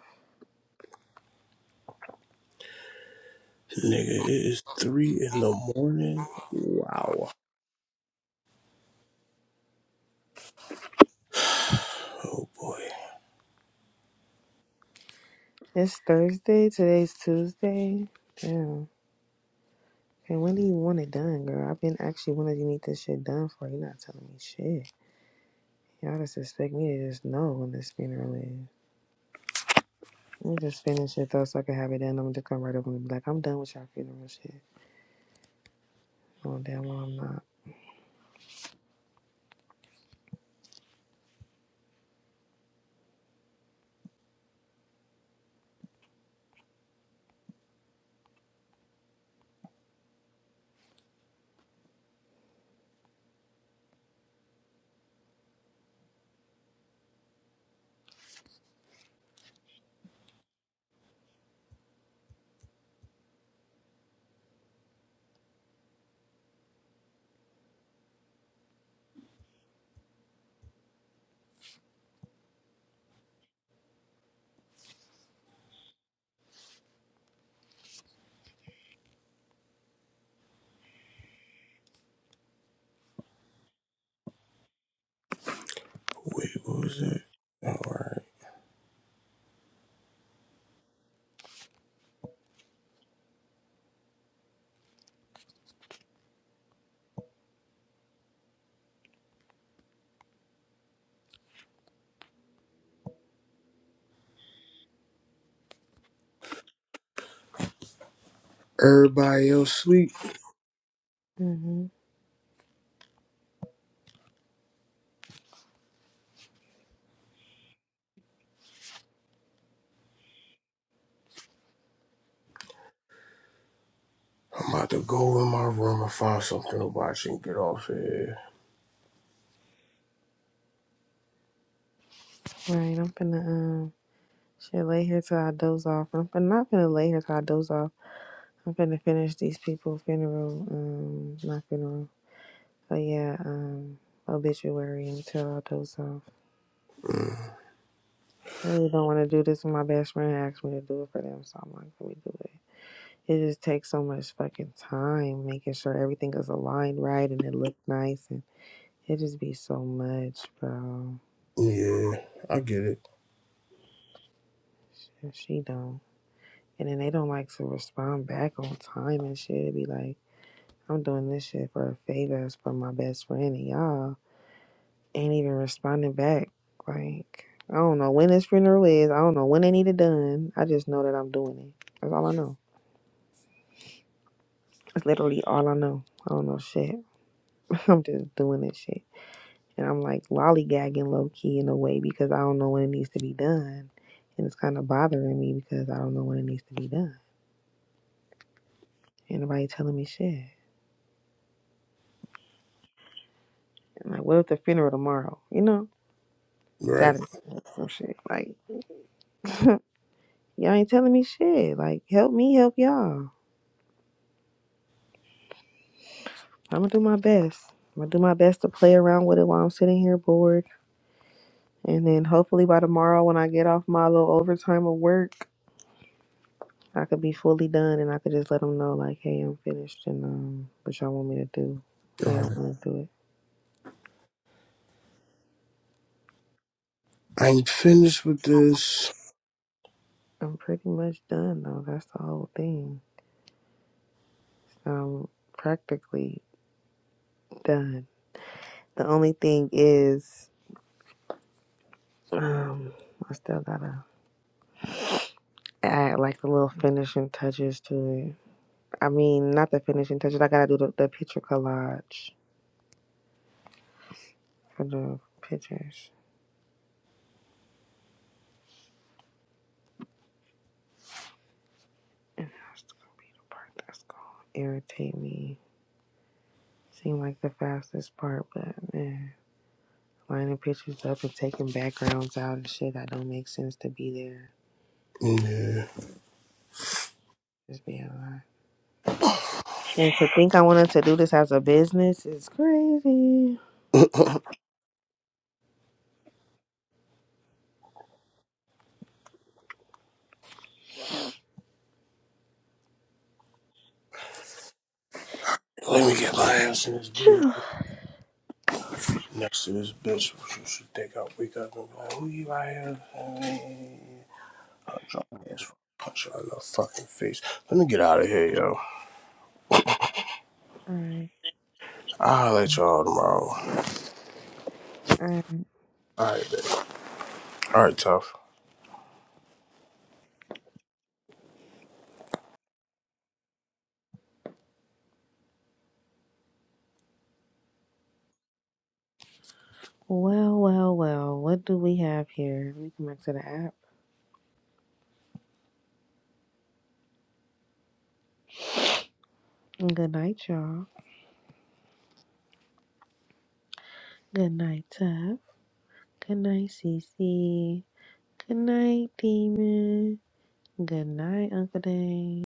[SPEAKER 1] Nigga, it is three in the morning. Wow. Oh boy.
[SPEAKER 4] It's Thursday. Today's Tuesday. Damn. And when do you want it done, girl? I've been actually wanting to need this shit done for you. are Not telling me shit. Y'all just expect me to just know when this funeral is. Let me just finish it though, so I can have it done. I'm just come right over and be like, I'm done with y'all funeral shit. Oh damn, well I'm not.
[SPEAKER 1] Wait, what was that? All right. Everybody else sleep.
[SPEAKER 4] Mhm.
[SPEAKER 1] I'm about to go in my room and find something to watch and get off of here.
[SPEAKER 4] Right. I'm finna um shit lay here till I doze off. I'm finna, not finna lay here till I doze off. I'm finna finish these people funeral um not funeral. But yeah, um, obituary until I those some.
[SPEAKER 1] Mm.
[SPEAKER 4] I really don't want to do this, and my best friend asked me to do it for them, so I'm like, let me do it. It just takes so much fucking time making sure everything is aligned right and it look nice, and it just be so much, bro.
[SPEAKER 1] Yeah, I get it.
[SPEAKER 4] she don't, and then they don't like to respond back on time and shit. It be like, I'm doing this shit for a favor, for my best friend and y'all. ain't even responding back. Like, I don't know when this funeral is. I don't know when they need it done. I just know that I'm doing it. That's all I know. That's literally all I know. I don't know shit. [laughs] I'm just doing this shit. And I'm like lollygagging low key in a way because I don't know when it needs to be done. And it's kind of bothering me because I don't know when it needs to be done. Ain't nobody telling me shit. And like, what if the funeral tomorrow? You know?
[SPEAKER 1] Right.
[SPEAKER 4] Saturday. Some shit. Like, [laughs] y'all ain't telling me shit. Like, help me help y'all. I'm gonna do my best. I'm gonna do my best to play around with it while I'm sitting here bored, and then hopefully by tomorrow when I get off my little overtime of work, I could be fully done and I could just let them know like, hey, I'm finished and um, what y'all want me to do,
[SPEAKER 1] All
[SPEAKER 4] how y'all
[SPEAKER 1] right.
[SPEAKER 4] want to do it.
[SPEAKER 1] I'm finished with this.
[SPEAKER 4] I'm pretty much done though. That's the whole thing. I'm practically done. The only thing is, um, I still gotta add like the little finishing touches to it. I mean, not the finishing touches. I gotta do the, the picture collage for the pictures. And that's gonna be the part that's gonna irritate me. Seem like the fastest part, but man, lining pictures up and taking backgrounds out and shit that don't make sense to be there.
[SPEAKER 1] Yeah.
[SPEAKER 4] Just being a
[SPEAKER 1] [laughs]
[SPEAKER 4] And to think I wanted to do this as a business is crazy.
[SPEAKER 1] Let me get my ass in this
[SPEAKER 4] [sighs]
[SPEAKER 1] bed next to this bitch. What you should think I wake up and be like, who you right here? i Punch your ass. for Punch her in the fucking face. Let me get out of here, yo.
[SPEAKER 4] Alright.
[SPEAKER 1] I'll let y'all tomorrow.
[SPEAKER 4] Alright.
[SPEAKER 1] All right, babe. All right, tough.
[SPEAKER 4] Well, well, well. What do we have here? We come back to the app. Good night, y'all. Good night, Tuff. Good night, Cece. Good night, Demon. Good night, Uncle Dan.